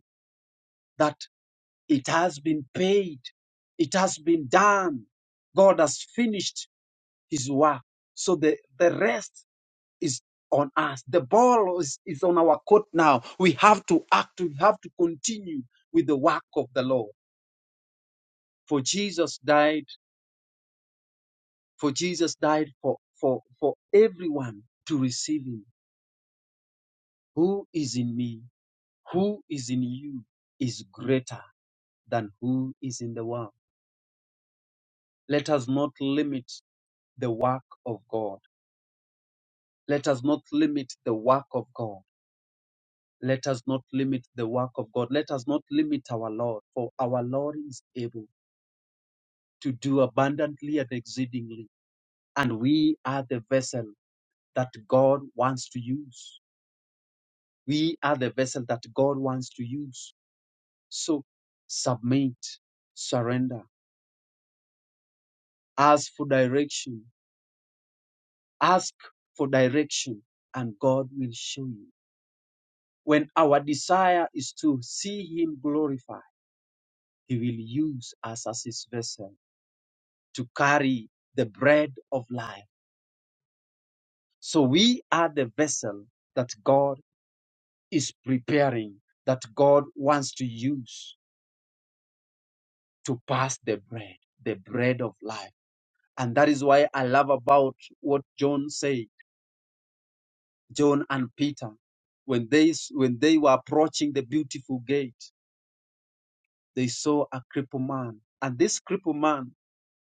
S2: that it has been paid, it has been done, God has finished his work. So the, the rest is on us. The ball is, is on our court now. We have to act. We have to continue with the work of the Lord. For Jesus died, for Jesus died for, for, for everyone to receive him. Who is in me, who is in you is greater than who is in the world. Let us not limit the work of God. Let us not limit the work of God. Let us not limit the work of God. Let us not limit our Lord, for our Lord is able to do abundantly and exceedingly. And we are the vessel that God wants to use. We are the vessel that God wants to use. So submit, surrender, ask for direction, ask for direction, and God will show you. When our desire is to see Him glorified, He will use us as His vessel to carry the bread of life. So we are the vessel that God is preparing that God wants to use to pass the bread, the bread of life. And that is why I love about what John said, John and Peter. When they, when they were approaching the beautiful gate, they saw a crippled man. And this crippled man,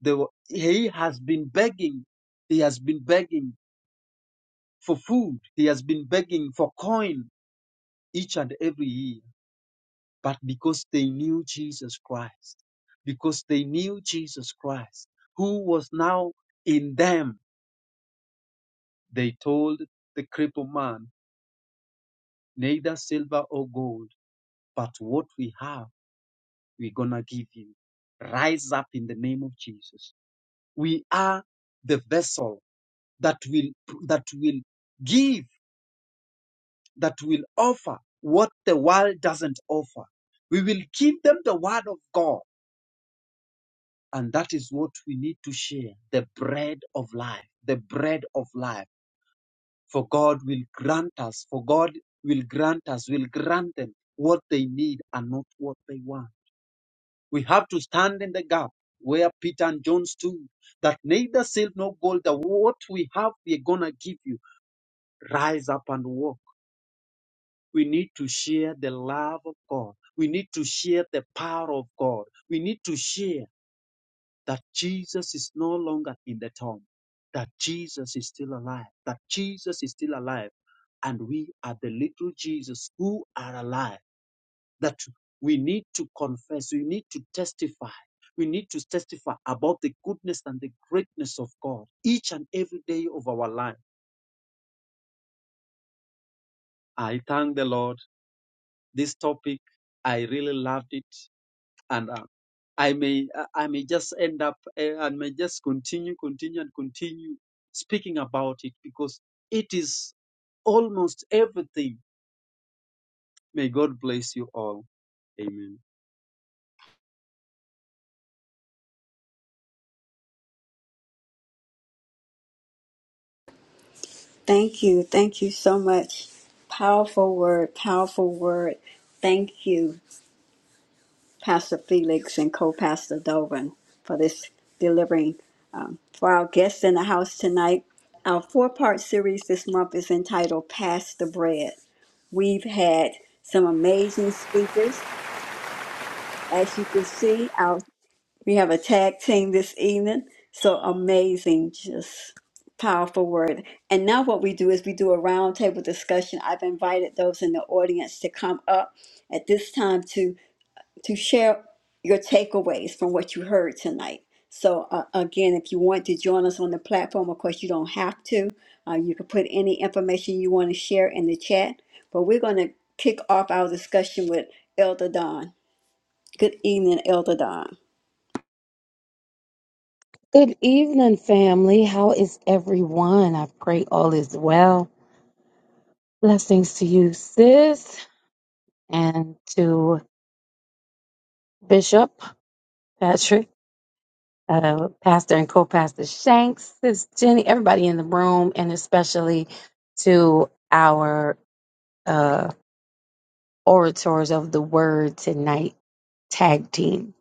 S2: they were, he has been begging. He has been begging for food. He has been begging for coin each and every year. but because they knew Jesus Christ, because they knew Jesus Christ, who was now in them, they told the crippled man, neither silver or gold, but what we have, we're gonna give you. Rise up in the name of Jesus. We are the vessel that will, that will give, that will offer what the world doesn't offer. We will give them the word of God And that is what we need to share the bread of life, the bread of life. For God will grant us, for God will grant us, will grant them what they need and not what they want. We have to stand in the gap where Peter and John stood that neither silver nor gold, that what we have, we're going to give you. Rise up and walk. We need to share the love of God. We need to share the power of God. We need to share. that Jesus is no longer in the tomb, that Jesus is still alive, that Jesus is still alive, and we are the little Jesus who are alive, that we need to confess, we need to testify. We need to testify about the goodness and the greatness of God each and every day of our life. I thank the Lord. This topic, I really loved it. and. I may uh, I may just end up uh, and may just continue, continue, and continue speaking about it because it is almost everything. May God bless you all. Amen.
S1: Thank you. Thank you so much. Powerful word, powerful word. Thank you, Pastor Felix and co Pastor Dovin, for this delivering. Um, for our guests in the house tonight, our four part series this month is entitled Pass the Bread. We've had some amazing speakers. As you can see, Our we have a tag team this evening. So amazing, just powerful word. And now what we do is we do a roundtable discussion. I've invited those in the audience to come up at this time to to share your takeaways from what you heard tonight. So uh, again, if you want to join us on the platform, of course you don't have to. Uh, you can put any information you want to share in the chat. But we're going to kick off our discussion with Elder Don. Good evening, Elder Don.
S6: Good evening, family. How is everyone? I pray all is well. Blessings to you, sis, and to Bishop Patrick, uh, Pastor and co-pastor Shanks, sis Jenny, everybody in the room, and especially to our uh, orators of the word tonight, tag team.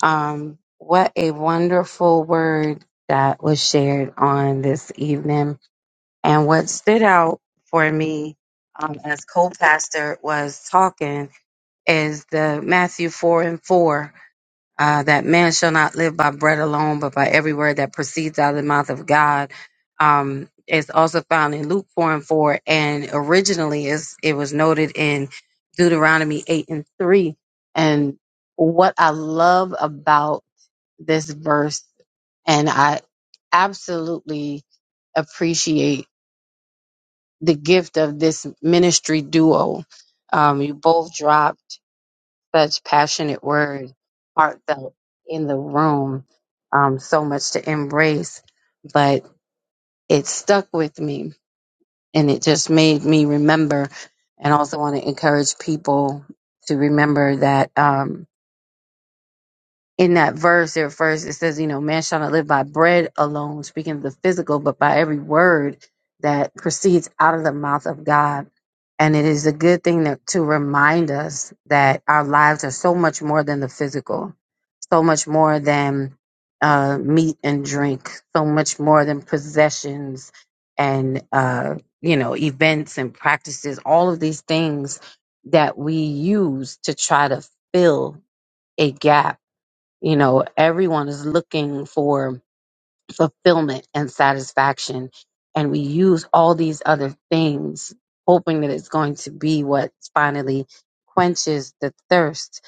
S6: Um, what a wonderful word that was shared on this evening. And what stood out for me um, as co-pastor was talking is the Matthew 4 and 4, uh, that man shall not live by bread alone, but by every word that proceeds out of the mouth of God. Um, it's also found in Luke 4 and 4, and originally is it was noted in Deuteronomy 8 and 3. And what I love about this verse, and I absolutely appreciate the gift of this ministry duo. Um, you both dropped such passionate word, heartfelt in the room, um, so much to embrace, but it stuck with me and it just made me remember and also want to encourage people to remember that. Um, in that verse there first it says you know man shall not live by bread alone speaking of the physical but by every word that proceeds out of the mouth of god and it is a good thing that, to remind us that our lives are so much more than the physical so much more than uh, meat and drink so much more than possessions and uh, you know events and practices all of these things that we use to try to fill a gap you know, everyone is looking for fulfillment and satisfaction. And we use all these other things, hoping that it's going to be what finally quenches the thirst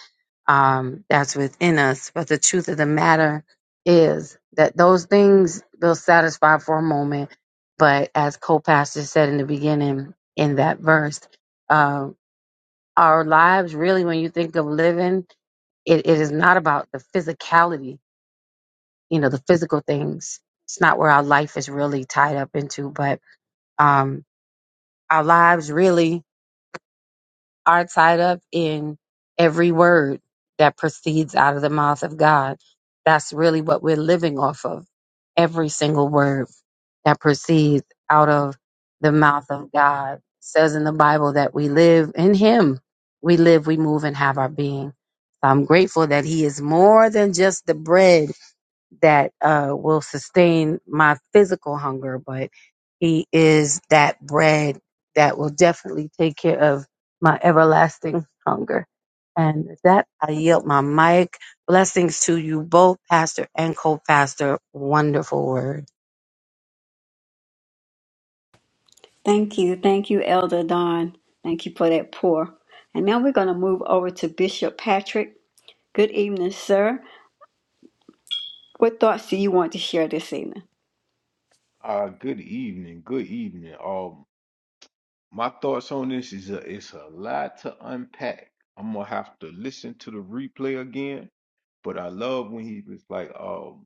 S6: um, that's within us. But the truth of the matter is that those things will satisfy for a moment. But as co pastor said in the beginning in that verse, uh, our lives really, when you think of living, it, it is not about the physicality you know, the physical things. It's not where our life is really tied up into, but um, our lives really are tied up in every word that proceeds out of the mouth of God. That's really what we're living off of. Every single word that proceeds out of the mouth of God It says in the Bible that we live in Him. We live, we move, and have our being. So I'm grateful that He is more than just the bread that uh, will sustain my physical hunger, but He is that bread that will definitely take care of my everlasting hunger. And with that, I yield my mic. Blessings to you both, Pastor and co-pastor. Wonderful word.
S1: Thank you. Thank you, Elder Don. Thank you for that pour. And now we're going to move over to Bishop Patrick. Good evening, sir. What thoughts do you want to share this evening?
S4: Uh, good evening. Good evening. Um, my thoughts on this is a, it's a lot to unpack. I'm gonna have to listen to the replay again. But I love when he was like, um,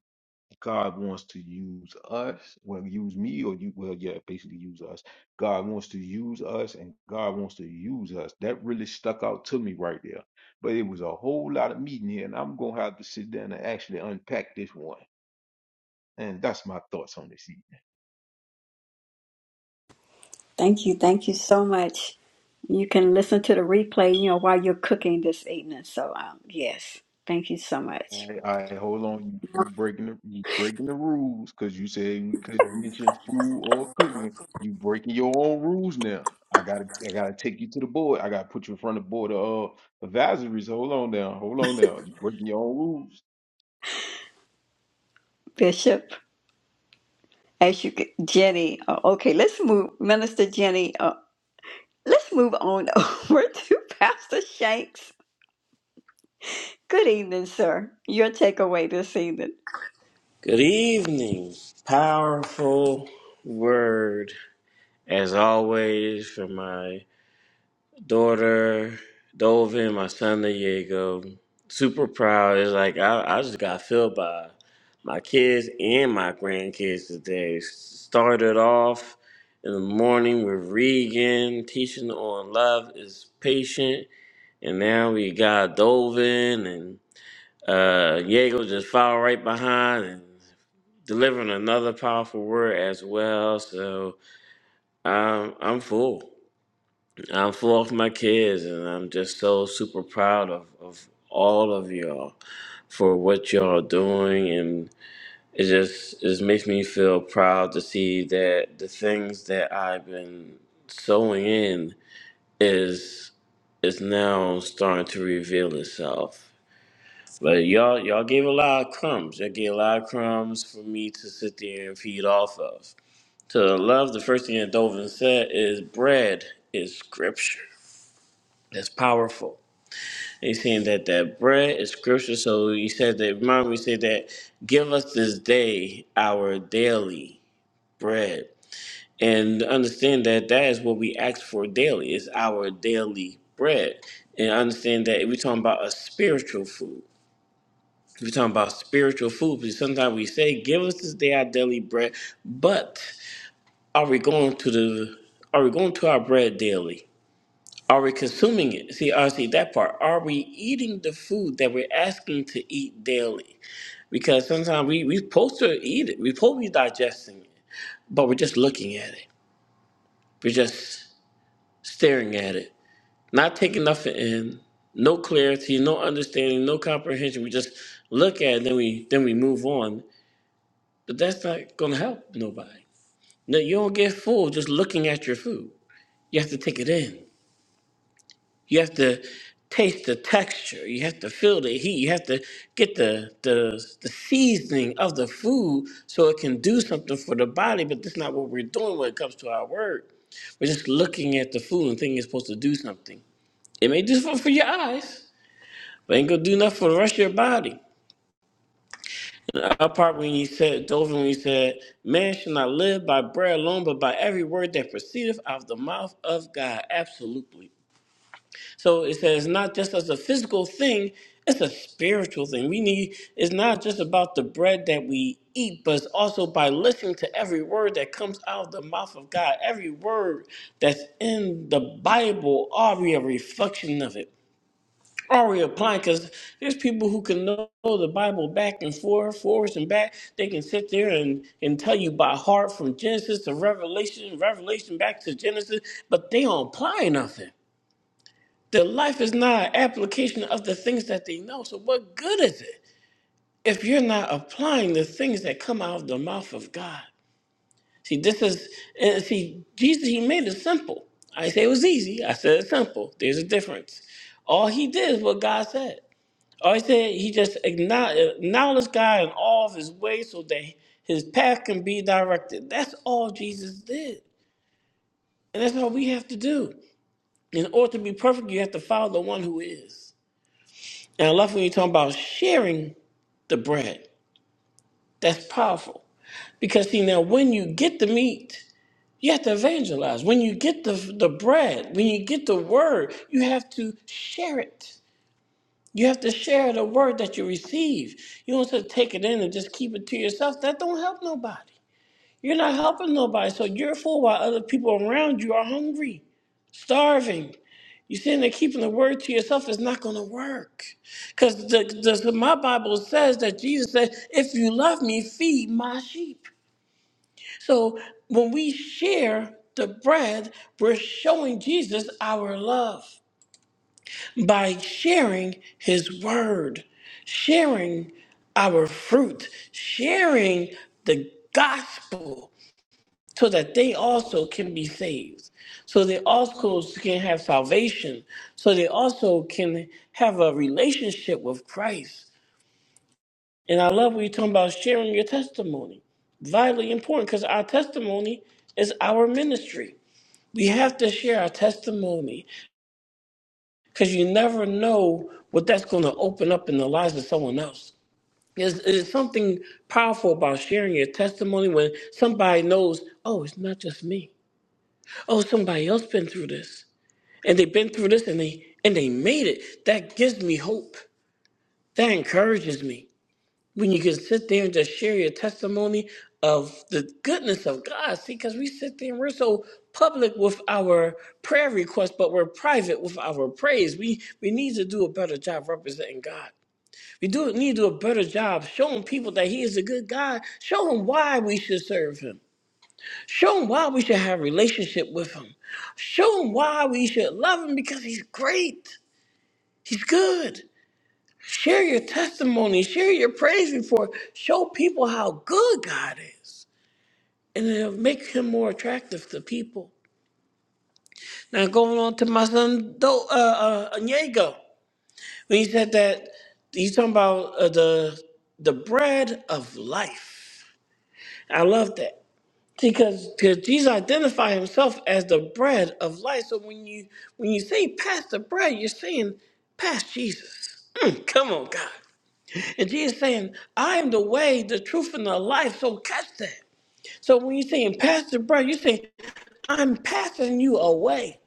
S4: God wants to use us, well, use me, or you, well, yeah, basically use us. God wants to use us, and God wants to use us. That really stuck out to me right there. But it was a whole lot of meeting here, and I'm gonna have to sit down and actually unpack this one. And that's my thoughts on this. evening.
S1: Thank you. Thank you so much. You can listen to the replay, you know, while you're cooking this evening. So, um, yes, thank you so much,
S4: I hold on. You breaking the you breaking the rules because you said we couldn't mention food or cooking. You breaking your own rules now. I gotta I gotta take you to the board. I gotta put you in front of the board of uh, advisories. Hold on now. Hold on now. You breaking your own rules.
S1: Bishop. As you get Jenny, uh, okay, let's move, Minister Jenny. Uh, let's move on [laughs] over to Pastor Shanks. Good evening, sir. Your takeaway this evening.
S5: Good evening. Powerful word, as always, from my daughter, Dovin, my son, Diego. Super proud. It's like I, I just got filled by my kids and my grandkids today. Started off in the morning with Regan, teaching on love is patient And now we got Dovin and uh Diego just followed right behind and delivering another powerful word as well. So I'm I'm full. I'm full of my kids and I'm just so super proud of, of all of y'all for what y'all are doing and it just it just makes me feel proud to see that the things that I've been sowing in is is now starting to reveal itself But y'all, y'all gave a lot of crumbs. Y'all gave a lot of crumbs for me to sit there and feed off of. To love, the first thing that Dovin said is bread is scripture. That's powerful. He's saying that that bread is scripture. So he said that. Remember, we said that. Give us this day our daily bread, and understand that that is what we ask for daily. It's our daily bread, and understand that we're talking about a spiritual food We're talking about spiritual food because sometimes we say, "Give us this day our daily bread," but are we going to the? Are we going to our bread daily? Are we consuming it? See, I see that part. Are we eating the food that we're asking to eat daily? Because sometimes we we supposed to eat it. We're supposed to be digesting it, but we're just looking at it. We're just staring at it, not taking nothing in. No clarity, no understanding, no comprehension. We just look at it, then we then we move on But that's not going to help nobody. No, you don't get full just looking at your food. You have to take it in. You have to taste the texture. You have to feel the heat. You have to get the the, the seasoning of the food so it can do something for the body. But that's not what we're doing when it comes to our word. We're just looking at the food and thinking it's supposed to do something. It may do something for your eyes, but it ain't gonna do nothing for the rest of your body. Apart when you said, Dover, when you said, man shall not live by bread alone, but by every word that proceedeth out of the mouth of God. Absolutely. So it says, not just as a physical thing, it's a spiritual thing. We need, it's not just about the bread that we eat, but it's also by listening to every word that comes out of the mouth of God. Every word that's in the Bible are we a reflection of it already applying because there's people who can know the Bible back and forth, forwards and back. They can sit there and, and tell you by heart from Genesis to Revelation, Revelation back to Genesis, but they don't apply nothing. Their life is not an application of the things that they know. So what good is it if you're not applying the things that come out of the mouth of God? See, this is uh, see Jesus. He made it simple. I didn't say it was easy. I said it's simple. There's a difference. All he did is what God said. Or he said he just acknowl- acknowledged God in all of his ways so that his path can be directed. That's all Jesus did. And that's all we have to do. In order to be perfect, you have to follow the one who is. And I love when you're talking about sharing the bread. That's powerful. Because see now when you get the meat, you have to evangelize. When you get the the bread, when you get the word, you have to share it. You have to share the word that you receive. You don't just take it in and just keep it to yourself. That don't help nobody. You're not helping nobody. So you're full while other people around you are hungry, starving. You sitting there keeping the word to yourself is not going to work. Because the, the, my Bible says that Jesus said, if you love me, feed my sheep. So when we share the bread, we're showing Jesus our love by sharing his word, sharing our fruit, sharing the gospel so that they also can be saved, so they also can have salvation, so they also can have a relationship with Christ. And I love what you're talking about sharing your testimony. Vitally important because our testimony is our ministry. We have to share our testimony. because you never know what that's going to open up in the lives of someone else. There's, there's something powerful about sharing your testimony when somebody knows, oh, it's not just me. Oh, somebody else been through this, and they've been through this, and they and they made it. That gives me hope. That encourages me when you can sit there and just share your testimony of the goodness of God. See, because we sit there and we're so public with our prayer requests, but we're private with our praise. We we need to do a better job representing God. We do need to do a better job showing people that He is a good God. Show them why we should serve Him. Show them why we should have a relationship with Him. Show them why we should love Him because He's great. He's good. Share your testimony, share your praise report, show people how good God is, and it'll make him more attractive to people. Now, going on to my son, Do, uh, uh, Onyego, when he said that, he's talking about uh, the, the bread of life. I love that. Because, because Jesus identified himself as the bread of life. So when you when you say pass the bread, you're saying pass Jesus. Mm, come on, God. And Jesus saying, I am the way, the truth, and the life. So catch that. So when you're saying, Pastor Brown, you're saying, I'm passing you away.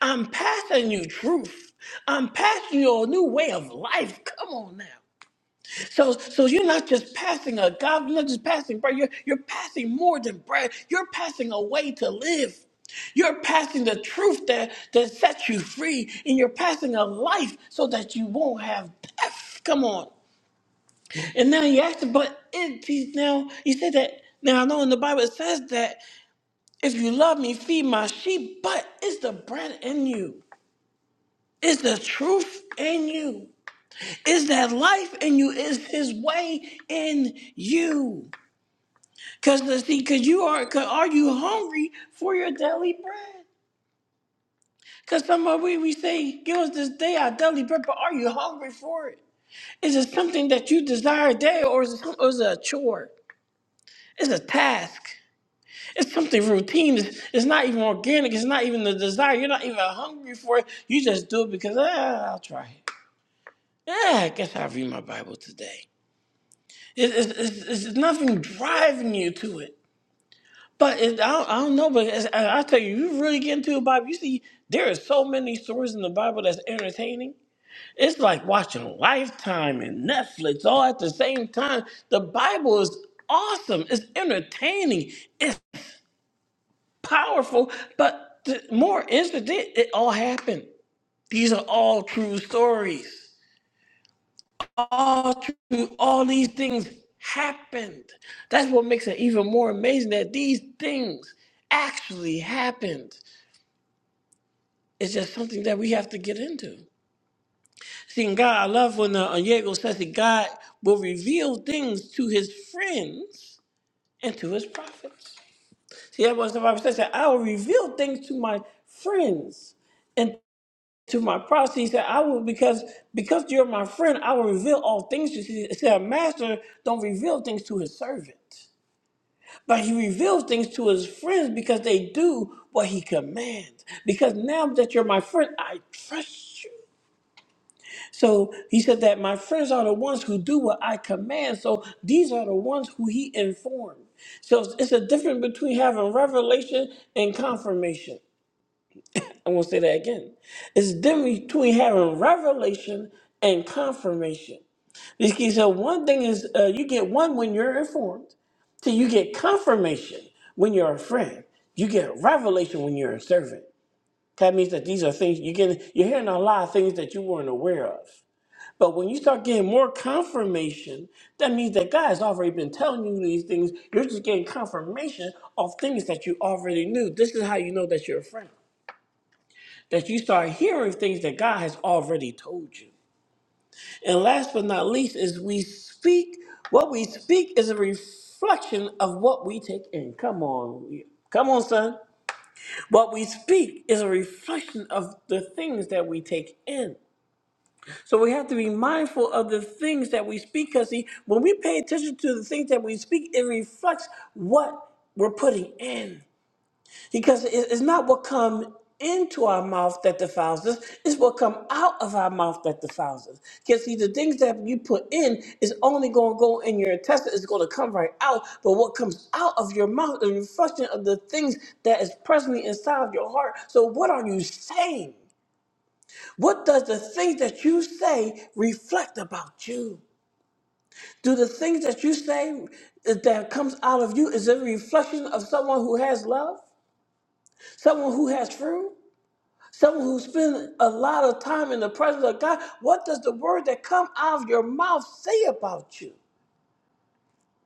S5: I'm passing you truth. I'm passing you a new way of life. Come on now. So, so you're not just passing a God, you're not just passing bread. You're, you're passing more than bread. You're passing a way to live. You're passing the truth that, that sets you free, and you're passing a life so that you won't have death. Come on. And now you asked, but it he now you said that. Now I know in the Bible it says that if you love me, feed my sheep. But it's the bread in you. It's the truth in you. Is that life in you? Is His way in you? Cause the see, cause you are. Cause are you hungry for your daily bread? Cause some of we we say, give us this day our daily bread, but are you hungry for it? Is it something that you desire daily, or is it, or is it a chore? It's a task. It's something routine. It's, it's not even organic. It's not even the desire. You're not even hungry for it. You just do it because ah, I'll try it. Yeah, I guess I'll read my Bible today. It, it's it's, it's nothing driving you to it. But it, I, don't, I don't know. But it's, I, I tell you, you really get into the Bible. You see, there are so many stories in the Bible that's entertaining. It's like watching Lifetime and Netflix all at the same time. The Bible is awesome. It's entertaining. powerful, but th- more incident, it all happened. These are all true stories. All true, all these things happened. That's what makes it even more amazing that these things actually happened. It's just something that we have to get into. See, in God, I love when uh, Diego says that God will reveal things to his friends and to his prophets. See, that was the Bible says that I will reveal things to my friends to my prophet, he said, I will because because you're my friend, I will reveal all things to you. He said, a master don't reveal things to his servant. But he reveals things to his friends because they do what he commands. Because now that you're my friend, I trust you. So he said that my friends are the ones who do what I command. So these are the ones who he informed. So it's it's a difference between having revelation and confirmation. I'm going to say that again. It's different between having revelation and confirmation. These kids said one thing is uh, you get one when you're informed, till you get confirmation when you're a friend. You get revelation when you're a servant. That means that these are things you're getting, you're hearing a lot of things that you weren't aware of. But when you start getting more confirmation, that means that God has already been telling you these things. You're just getting confirmation of things that you already knew. This is how you know that you're a friend that you start hearing things that God has already told you. And last but not least is we speak what we speak is a reflection of what we take in. Come on. Come on, son. What we speak is a reflection of the things that we take in. So we have to be mindful of the things that we speak because see, when we pay attention to the things that we speak, it reflects what we're putting in. Because it- it's not what comes into our mouth that defiles us, it's what comes out of our mouth that defiles us. Because see, the things that you put in is only going to go in your intestine, it's going to come right out. But what comes out of your mouth is a reflection of the things that is presently inside of your heart. So, what are you saying? What does the things that you say reflect about you? Do the things that you say that comes out of you is a reflection of someone who has love, someone who has fruit? Someone who spends a lot of time in the presence of God, what does the word that come out of your mouth say about you?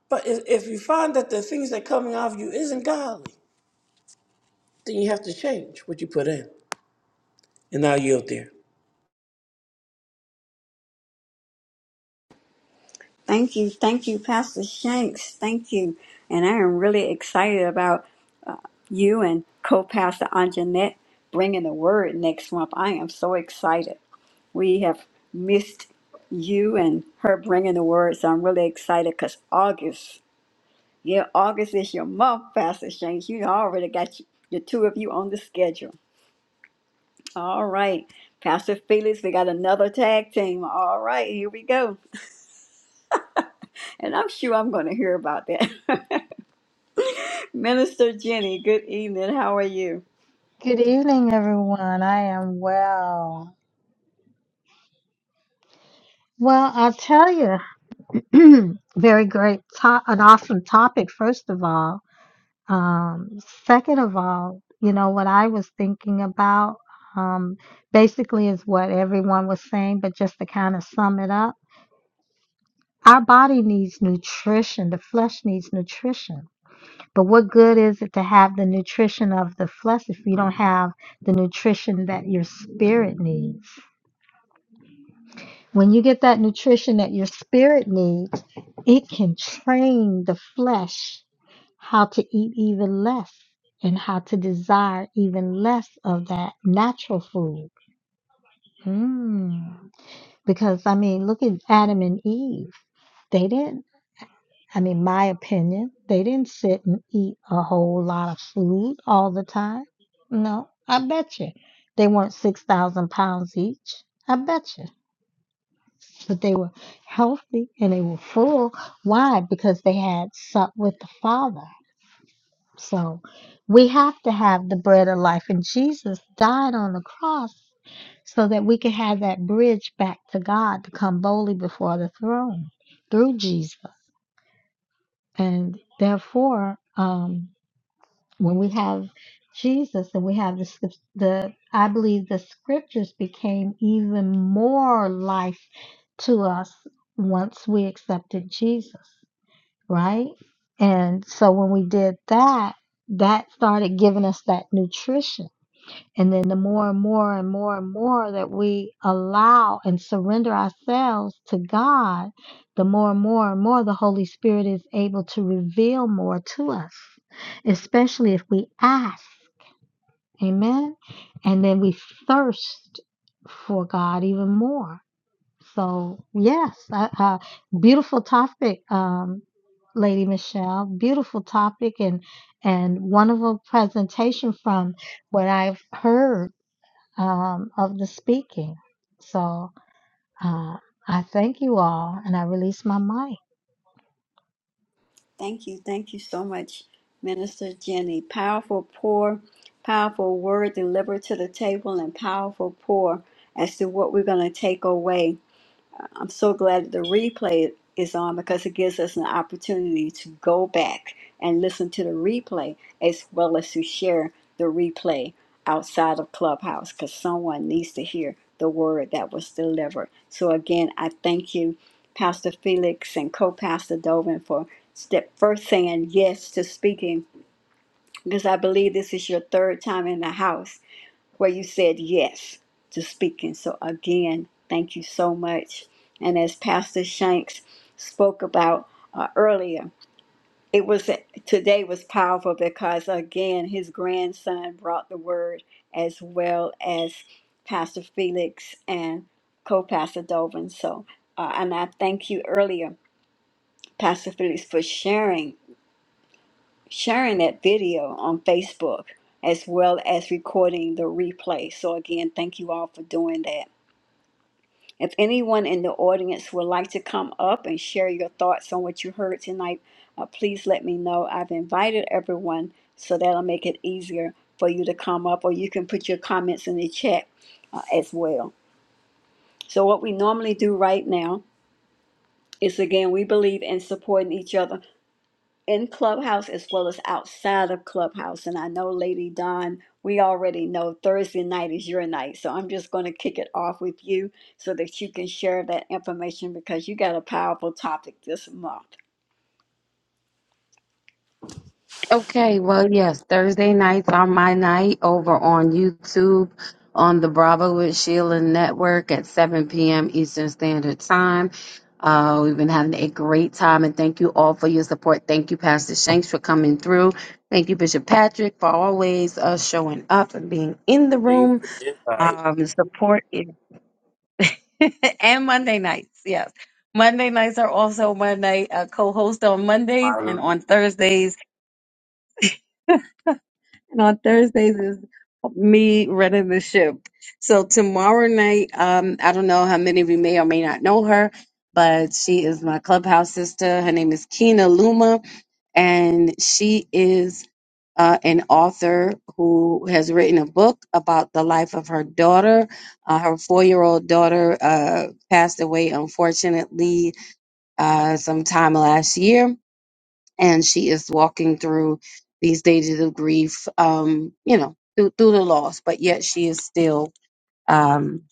S5: But if, if you find that the things that coming out of you isn't godly, then you have to change what you put in. And I yield there.
S1: Thank you. Thank you, Pastor Shanks. Thank you. And I am really excited about you and co pastor Anjanette bringing the word next month. I am so excited. We have missed you and her bringing the word, so I'm really excited because August, yeah, August is your month, Pastor Shanks. You already got you, the two of you on the schedule. All right. Pastor Felix, we got another tag team. All right, here we go. [laughs] And I'm sure I'm going to hear about that. [laughs] Minister Jenny, good evening. How are you?
S7: Good evening, everyone. I am well. Well, I'll tell you, [clears throat] very great, to- an awesome topic, first of all. Um, second of all, you know, what I was thinking about um, basically is what everyone was saying, but just to kind of sum it up, our body needs nutrition. The flesh needs nutrition. But what good is it to have the nutrition of the flesh if you don't have the nutrition that your spirit needs? When you get that nutrition that your spirit needs, it can train the flesh how to eat even less and how to desire even less of that natural food. Mm. Because, I mean, look at Adam and Eve. They didn't, I mean, my opinion, they didn't sit and eat a whole lot of food all the time. No, I bet you they weren't 6,000 pounds each. I bet you. but they were healthy and they were full. Why? Because they had sup with the Father. So we have to have the bread of life, and Jesus died on the cross so that we could have that bridge back to God to come boldly before the throne through Jesus. And therefore, um, when we have Jesus and we have the scrip- the I believe the scriptures became even more life to us once we accepted Jesus, right? And so when we did that, that started giving us that nutrition and then the more and more and more and more that we allow and surrender ourselves to God, the more and more and more the Holy Spirit is able to reveal more to us, especially if we ask. Amen. And then we thirst for God even more. So, yes, uh, uh, beautiful topic, um, Lady Michelle. Beautiful topic and and wonderful presentation from what I've heard um, of the speaking. So uh, I thank you all, and I release my mic.
S1: Thank you. Thank you so much, Minister Jenny. Powerful pour, powerful word delivered to the table, and powerful pour as to what we're going to take away. I'm so glad the replay is on because it gives us an opportunity to go back and listen to the replay as well as to share the replay outside of Clubhouse because someone needs to hear the word that was delivered. So, again, I thank you, Pastor Felix and co Pastor Dovin, for step first saying yes to speaking because I believe this is your third time in the house where you said yes to speaking. So, again, thank you so much. And as Pastor Shanks spoke about uh, earlier, it was today was powerful because again his grandson brought the word as well as Pastor Felix and co-pastor Dovin. So, uh, and I thank you earlier, Pastor Felix, for sharing sharing that video on Facebook as well as recording the replay. So, again, thank you all for doing that. If anyone in the audience would like to come up and share your thoughts on what you heard tonight, uh, please let me know. I've invited everyone, so that'll make it easier for you to come up, or you can put your comments in the chat uh, as well. So, what we normally do right now is again, we believe in supporting each other in Clubhouse as well as outside of Clubhouse. And I know, Lady Dawn, we already know Thursday night is your night. So I'm just going to kick it off with you so that you can share that information because you got a powerful topic this month.
S6: Okay, well, yes, Thursday nights are my night over on YouTube on the Bravo with Sheila Network at 7 p.m. Eastern Standard Time. Uh, we've been having a great time, and thank you all for your support. Thank you, Pastor Shanks, for coming through. Thank you, Bishop Patrick, for always uh, showing up and being in the
S5: Thank you
S6: room.
S5: for the invite,
S6: Um, support is- [laughs] and Monday nights, yes. Monday nights are also my night. I co-host on Mondays and
S5: Myron.
S6: on Thursdays. [laughs] And on Thursdays is me running the ship. So tomorrow night, um, I don't know how many of you may or may not know her, but she is my clubhouse sister. Her name is Kina Luma, and she is uh, an author who has written a book about the life of her daughter. Uh, her four-year-old daughter uh, passed away, unfortunately, uh, sometime last year and she is walking through these stages of grief, um, you know, through, through the loss, but yet she is still um,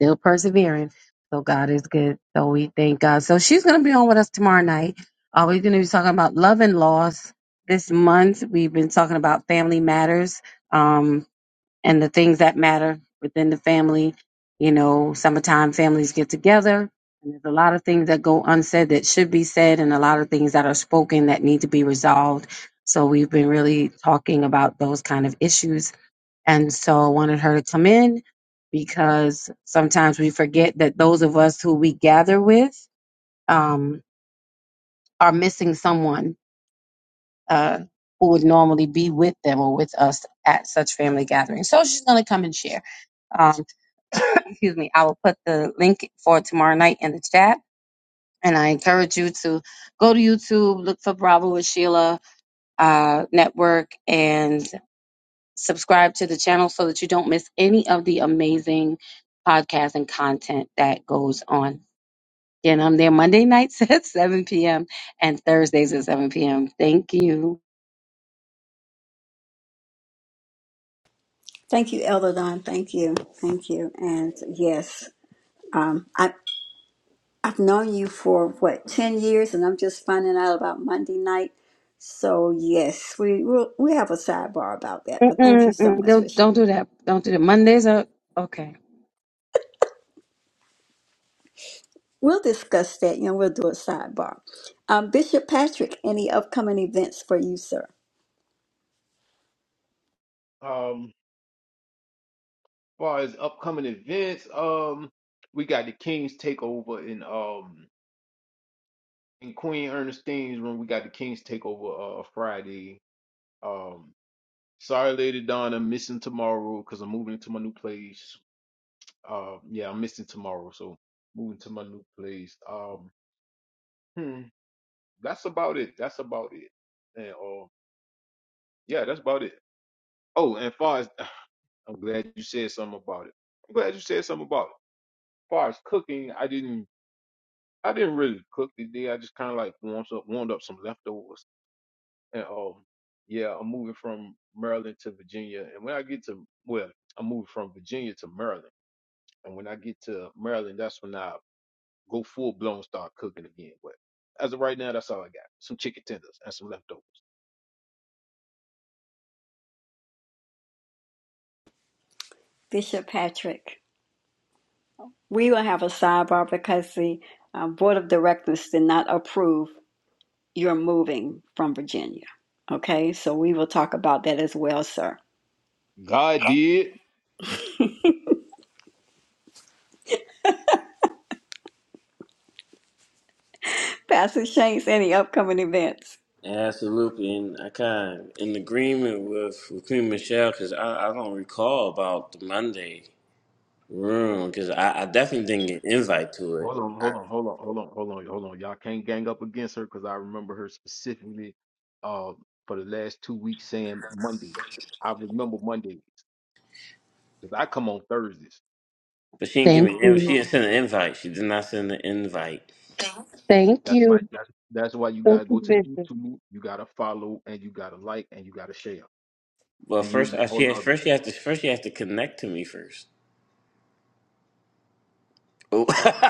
S6: still persevering. So God is good. So we thank God. So she's going to be on with us tomorrow night. Uh, we're going to be talking about love and loss this month. We've been talking about family matters. Um, and the things that matter within the family. You know, summertime families get together, and there's a lot of things that go unsaid that should be said, and a lot of things that are spoken that need to be resolved. So we've been really talking about those kind of issues, and so I wanted her to come in because sometimes we forget that those of us who we gather with um, are missing someone. Uh, who would normally be with them or with us at such family gatherings. So she's going to come and share. Um, [coughs] excuse me, I will put the link for tomorrow night in the chat. And I encourage you to go to YouTube, look for Bravo with Sheila uh, Network, and subscribe to the channel so that you don't miss any of the amazing podcasts and content that goes on. And I'm there Monday nights [laughs] at 7 p.m. and Thursdays at 7 p.m. Thank you.
S1: Thank you, Elder Dawn. Thank you. Thank you. And yes, um, I, I've known you for what, 10 years, and I'm just finding out about Monday night. So yes, we we'll, we have a sidebar about that, but thank you
S6: Mm-mm,
S1: so
S6: mm,
S1: much for
S6: don't don't do that. Don't do that. Mondays are okay.
S1: We'll discuss that and we'll do a sidebar. Um, Bishop Patrick, any upcoming events for you, sir?
S4: Um, as far as upcoming events, um, we got the Kings takeover in um in Queen Ernestine's room. We got the Kings takeover uh Friday. Um, sorry, Lady Donna, missing tomorrow because I'm moving to my new place. Uh, yeah, I'm missing tomorrow, so moving to my new place. Um, hmm, that's about it. That's about it. And uh, yeah, that's about it. Oh, and far as [sighs] I'm glad you said something about it. I'm glad you said something about it. far as cooking, I didn't. I didn't really cook today. I just kind of like warmed up, warmed up some leftovers. And um, yeah, I'm moving from Maryland to Virginia. And when I get to, well, I'm moving from Virginia to Maryland. And when I get to Maryland, that's when I go full blown start cooking again. But as of right now, that's all I got. Some chicken tenders and some leftovers.
S1: Bishop Patrick, we will have a sidebar because the uh, Board of Directors did not approve your moving from Virginia. Okay, so we will talk about that as well, sir.
S4: God did.
S1: Pastor Shanks, any upcoming events?
S5: Absolutely, and I kind of in agreement with, with Queen Michelle because I, I don't recall about the Monday room because I, I definitely didn't get an invite to it.
S4: Hold on, hold on, hold on, hold on, hold on, hold on. Y'all can't gang up against her because I remember her specifically uh, for the last two weeks saying Monday. I remember Mondays because I come on Thursdays.
S5: But she didn't give
S6: Thank
S5: me an inv- she
S6: you.
S5: didn't send an invite. She did not send an invite.
S6: Thank
S4: That's
S6: you.
S4: why that's that's why you
S6: Thank
S4: gotta
S6: you,
S4: go to the
S6: Bishop.
S4: YouTube. You gotta follow and you gotta like and you gotta share
S5: Well,
S4: and you'll
S5: first uh,
S4: get
S5: she
S4: whole
S5: has,
S4: lot
S5: first she has to first she has to connect to me first. Oh. [laughs]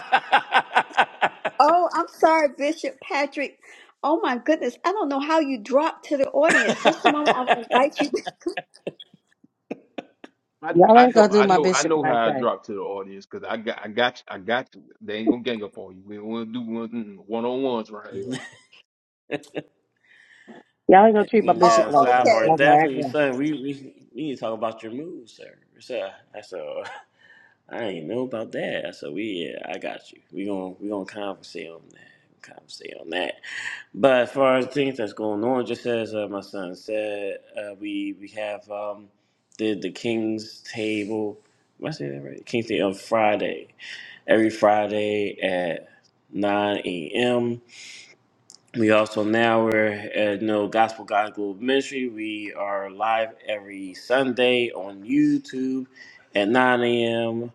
S1: Oh, I'm sorry, Bishop Patrick. Oh my goodness, I don't know how you dropped to the audience. Just a moment, I will invite you. [laughs]
S4: I
S6: Y'all
S4: I
S6: ain't
S4: know
S6: gonna do
S4: I
S6: my
S4: know I
S6: bishop
S4: know
S6: like
S4: how I
S6: that.
S4: drop to the audience because I got I got you, I got you. They ain't gonna gang up on you. We don't wanna do one one on ones right here.
S6: Y'all ain't gonna treat
S5: You
S6: my
S1: Oh,
S6: bishop
S5: know,
S6: like that.
S5: sidebar.
S6: Y'all
S1: okay.
S6: gonna act
S5: Definitely,
S6: like
S5: son. We we we need to talk about your moves, sir. So I said, [laughs] I ain't know about that. I said, we yeah, I got you. We gonna we gonna conversate on that. Conversate on that. But as far as things that's going on, just as uh, my son said, uh, we we have um the the King's table. Am I saying that right? King's table on Friday. every Friday at 9 a.m. We also now we're at No Gospel God Global Ministry. We are live every Sunday on YouTube at 9 a.m.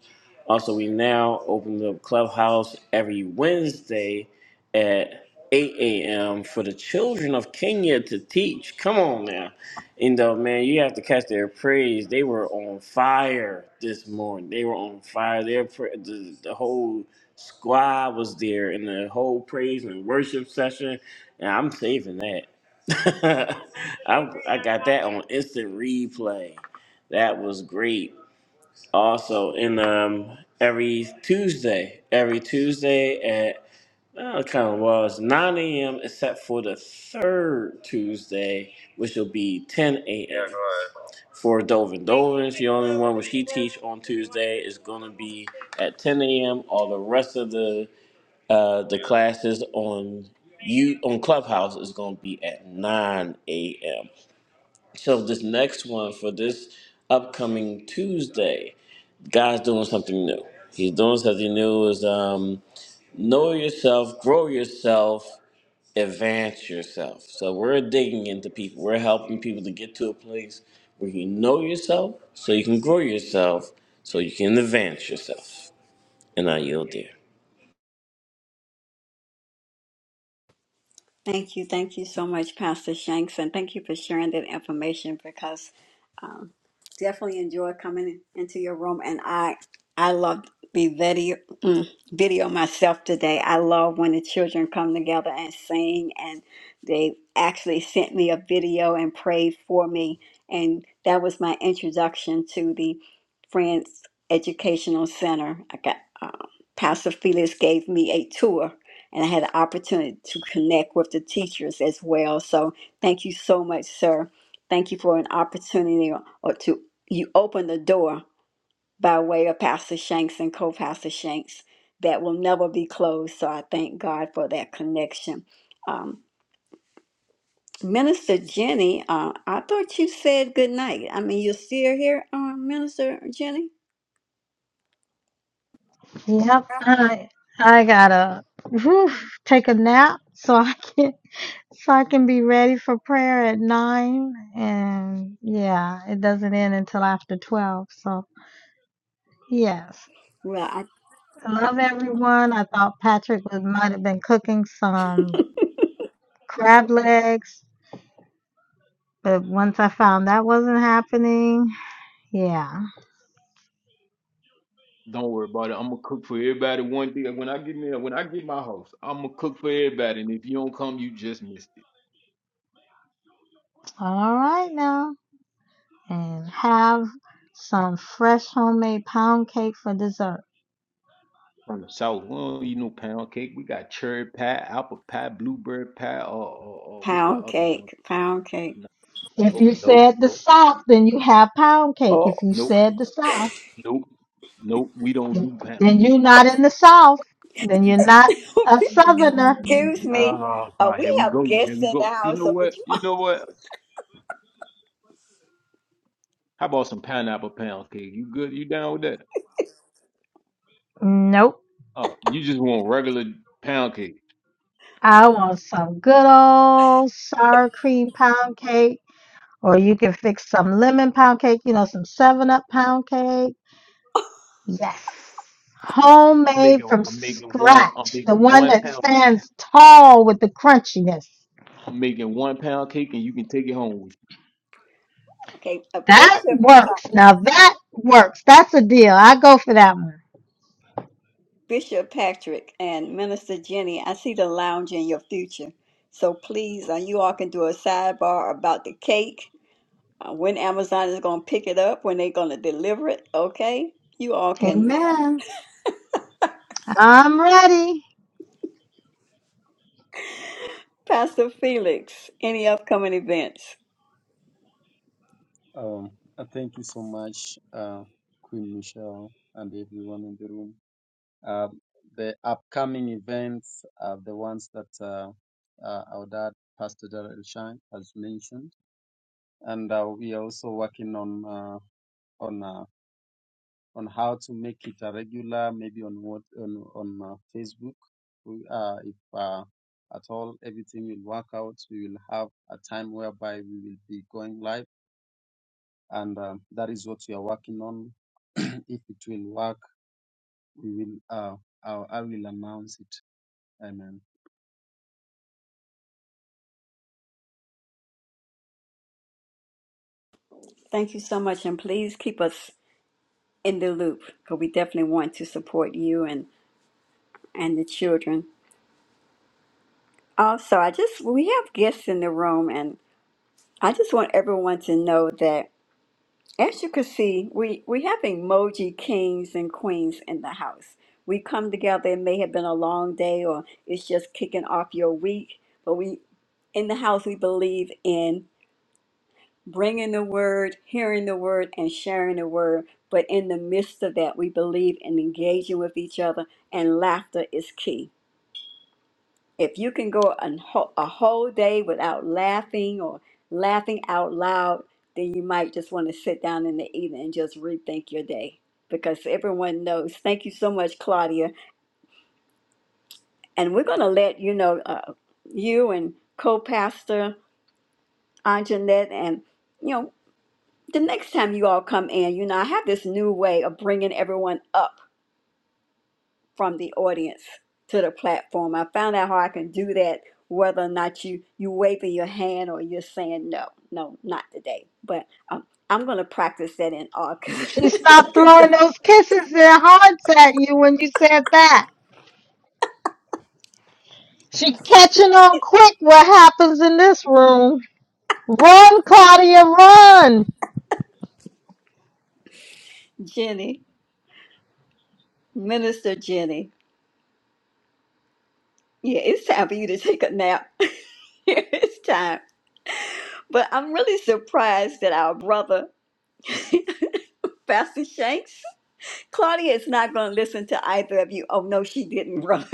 S5: Also, we now open up Clubhouse every Wednesday at 8 a.m. for the children of Kenya to teach. Come on now. And uh, man, you have to catch their praise. They were on fire this morning. They were on fire. Their pra- the, the whole squad was there in the whole praise and worship session. And I'm saving that. [laughs] I'm, I got that on instant replay. That was great. Also, in um, every Tuesday, every Tuesday at well, it kind of was 9 a.m. except for the third Tuesday, which will be 10 a.m. Yeah, for Dovin. Dovin the only one which he teach on Tuesday is going to be at 10 a.m. All the rest of the uh, the classes on you on Clubhouse is going to be at 9 a.m. So this next one for this upcoming Tuesday, God's doing something new. He's doing something new is um, know yourself, grow yourself, advance yourself. So we're digging into people. We're helping people to get to a place where you know yourself, so you can grow yourself, so you can advance yourself. And I yield there.
S1: Thank you. Thank you so much, Pastor Shanks. And thank you for sharing that information because um, definitely enjoy coming into your room. And I I love the video, mm, video myself today. I love when the children come together and sing. And they actually sent me a video and prayed for me. And that was my introduction to the Friends Educational Center. I got uh, Pastor Felix gave me a tour and I had the opportunity to connect with the teachers as well. So thank you so much, sir. Thank you for an opportunity or to you open the door by way of Pastor Shanks and co-pastor Shanks that will never be closed. So I thank God for that connection. Um, Minister Jenny, uh, I thought you said good night. I mean, you're still here, uh, Minister Jenny?
S7: Yep, I I gotta whew, take a nap so I can so I can be ready for prayer at nine. And yeah, it doesn't end until after twelve. So yes,
S1: Well, I,
S7: I love everyone. I thought Patrick was, might have been cooking some crab legs, but once I found that wasn't happening, yeah.
S4: Don't worry about it. I'm gonna cook for everybody one thing When I get me when I get my house, I'm gonna cook for everybody. And if you don't come, you just missed it.
S7: All right now. and have some fresh homemade pound cake for dessert.
S4: From the south, we don't eat no pound cake. We got cherry pie, apple pie, blueberry pie, or or, or what's that
S1: pound
S4: other joint?
S1: cake, pound cake.
S4: No, no,
S7: If you
S4: no,
S7: said the
S4: no,
S7: South, then you have pound cake.
S1: Oh,
S7: If you
S4: no,
S7: said the South,
S4: no, no. We don't do pound
S7: then
S4: cake.
S7: you're not in the South. Then
S4: You
S7: you're
S4: crazy.
S7: not a Southerner.
S1: excuse me.
S4: Oh,
S1: Uh,
S4: God, here
S1: we
S4: we
S1: have
S4: go. Here
S1: guests
S4: we
S1: in the
S4: go. You
S1: house.
S4: know
S1: So could
S4: what? You know what? How about some pineapple pound cake? You good? You down with that?
S7: Nope.
S4: Oh, you just want regular pound cake.
S7: I want some good old sour cream pound cake, or you can fix some lemon pound cake, you know, some 7 Up pound cake. Yes.
S4: I'm
S7: Homemade
S4: making
S7: from
S4: I'm making one I'm
S7: scratch. The
S4: making
S7: one
S4: one
S7: that
S4: pound cake.
S7: stands tall with the crunchiness.
S4: I'm making one pound cake and you can take it home with you.
S1: Okay, uh,
S7: That
S1: Bishop uh,
S7: works. Now that works. That's a deal. I go for that one.
S1: Bishop Patrick and Minister Jenny, I see the lounge in your future. So please, uh, you all can do a sidebar about the cake, uh, when Amazon is going to pick it up, when they're going to deliver it. Okay, you all can. You know.
S7: Amen. I'm ready.
S1: Pastor Felix, any upcoming events?
S2: Um, uh, thank you so much, uh, Queen Michelle, and everyone in the room. Uh, the upcoming events are the ones that uh, uh, our dad, Pastor Darrell Shine, has mentioned, and uh, we are also working on uh, on. Uh, on how to make it a regular, maybe on what on on uh, Facebook. We, uh, if uh, at all everything will work out, we will have a time whereby we will be going live, and um that is what we are working on. [clears throat] if it will work, we will. Uh, I, I will announce it. Amen.
S1: Thank you so much, and please keep us in the loop because we definitely want to support you and and the children. Also, I just we have guests in the room, and I just want everyone to know that. As you can see, we, we have emoji kings and queens in the house. We come together, it may have been a long day or it's just kicking off your week, but we in the house, we believe in bringing the word, hearing the word, and sharing the word. But in the midst of that, we believe in engaging with each other, and laughter is key if you can go an whole, a whole day without laughing or laughing out loud, then you might just want to sit down in the evening and just rethink your day because everyone knows. Thank you so much, Claudia. And we're going to let you know, uh, you and co pastor Anjanette, and you know, the next time you all come in, you know, I have this new way of bringing everyone up from the audience to the platform. I found out how I can do that, whether or not you you waving your hand or you're saying no, no, not today. But um, I'm going to practice that in August. [laughs]
S7: She stopped
S1: Look at
S7: throwing
S1: that,
S7: those kisses and hearts at you when you said that. She catching on quick what happens in this room. Run, Claudia, run.
S1: Jenny, Minister Jenny. Yeah, it's time for you to take a nap. [laughs] it's time. But I'm really surprised that our brother, [laughs] Pastor Shanks, Claudia is not going to listen to either of you. Oh no, she didn't [laughs] run.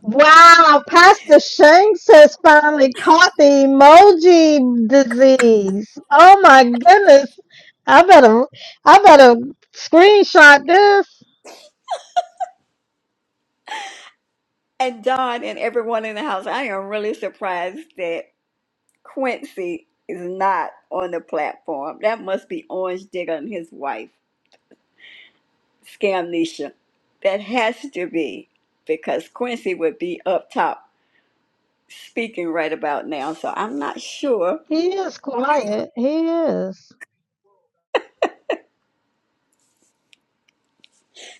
S7: Wow, Pastor Shanks has finally caught the emoji disease. Oh my goodness. I better I better screenshot this.
S1: And Don and everyone in the house, I am really surprised that Quincy is not on the platform. That must be Orange Digger and his wife, Scamnesia. That has to be because Quincy would be up top speaking right about now. So I'm not sure.
S7: He is quiet. He is.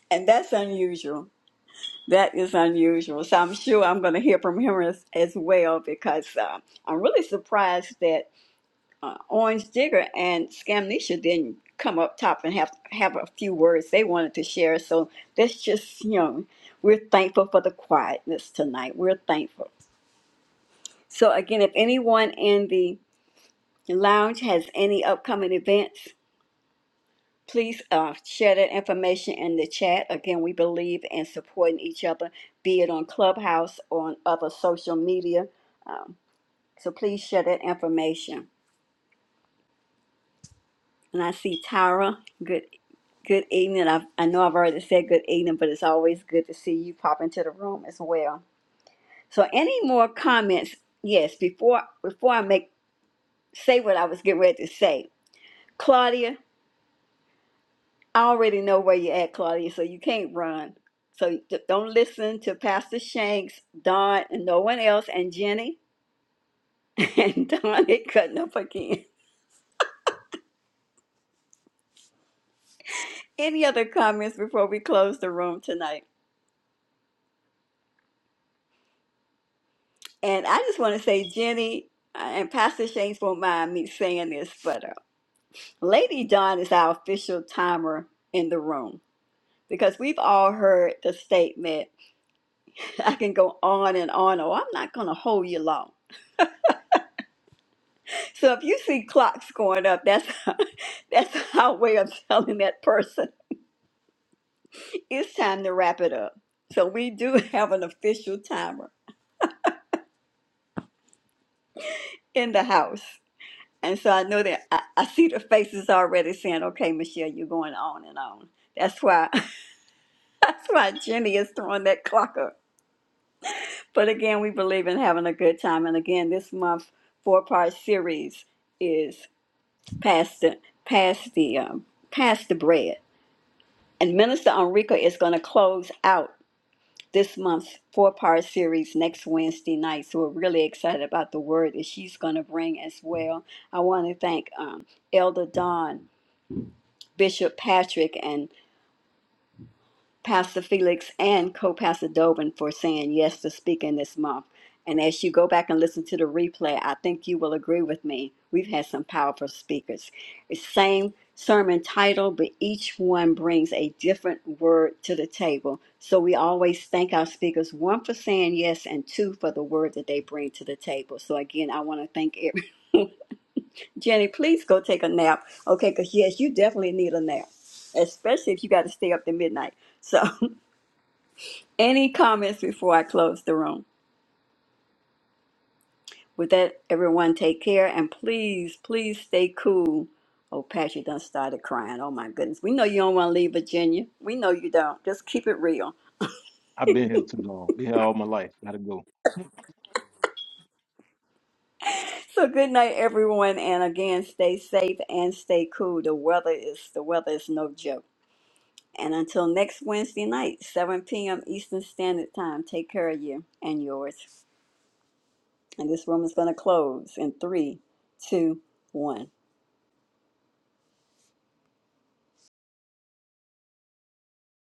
S1: And that's unusual. That is unusual. So I'm sure I'm going to hear from him as, as well because uh, I'm really surprised that. uh, Orange Digger and Scamnesia didn't come up top and have have a few words they wanted to share. So that's just you know we're thankful for the quietness tonight. We're thankful. So again, if anyone in the lounge has any upcoming events, please uh, share that information in the chat. Again, we believe in supporting each other, be it on Clubhouse or on other social media. Um, so please share that information. And I see Tyra. Good Good evening. I, I know I've already said good evening, but it's always good to see you pop into the room as well. So, any more comments? Yes, before before I make say what I was getting ready to say, Claudia, I already know where you're at, Claudia. So you can't run. So d- don't listen to Pastor Shanks, Don, and no one else, and Jenny, [laughs] and Don it cutting up again. Any other comments before we close the room tonight? And I just want to say, Jenny, uh, and Pastor Shanks won't mind me saying this, but uh, Lady Dawn is our official timer in the room because we've all heard the statement, I can go on and on, or I'm not going to hold you long. So if you see clocks going up, that's [laughs] that's our way of telling that person it's time to wrap it up. So we do have an official timer in the house. And so I know that I, I see the faces already saying, okay, Michelle, you're going on and on. That's why [laughs] that's why Jenny is throwing that clock up. But again, we believe in having a good time. And again, this month four part series is past the past the um, past the bread. And Minister Enrica is going to close out this month's four part series next Wednesday night. So we're really excited about the word that she's going to bring as well. I want to thank um, Elder Don, Bishop Patrick, and Pastor Felix and co-pastor Dobin for saying yes to speaking this month. And as you go back and listen to the replay, I think you will agree with me. We've had some powerful speakers. It's same sermon title, but each one brings a different word to the table. So we always thank our speakers, one for saying yes and two for the word that they bring to the table. So again, I want to thank everyone. [laughs] Jenny, please go take a nap. Okay, because yes, you definitely need a nap, especially if you got to stay up to midnight. So [laughs] Any comments before I close the room? With that, everyone take care and please, please stay cool. Oh, Patrick done started crying. Oh my goodness. We know you don't want to leave Virginia. We know you don't. Just keep it real.
S4: I've been here too long. Been here all my life. Gotta go.
S1: So good night everyone and again stay safe and stay cool. The weather is the weather is no joke. And until next Wednesday night, 7 p.m. Eastern Standard Time, take care of you and yours. And this room is gonna close in three, two, one.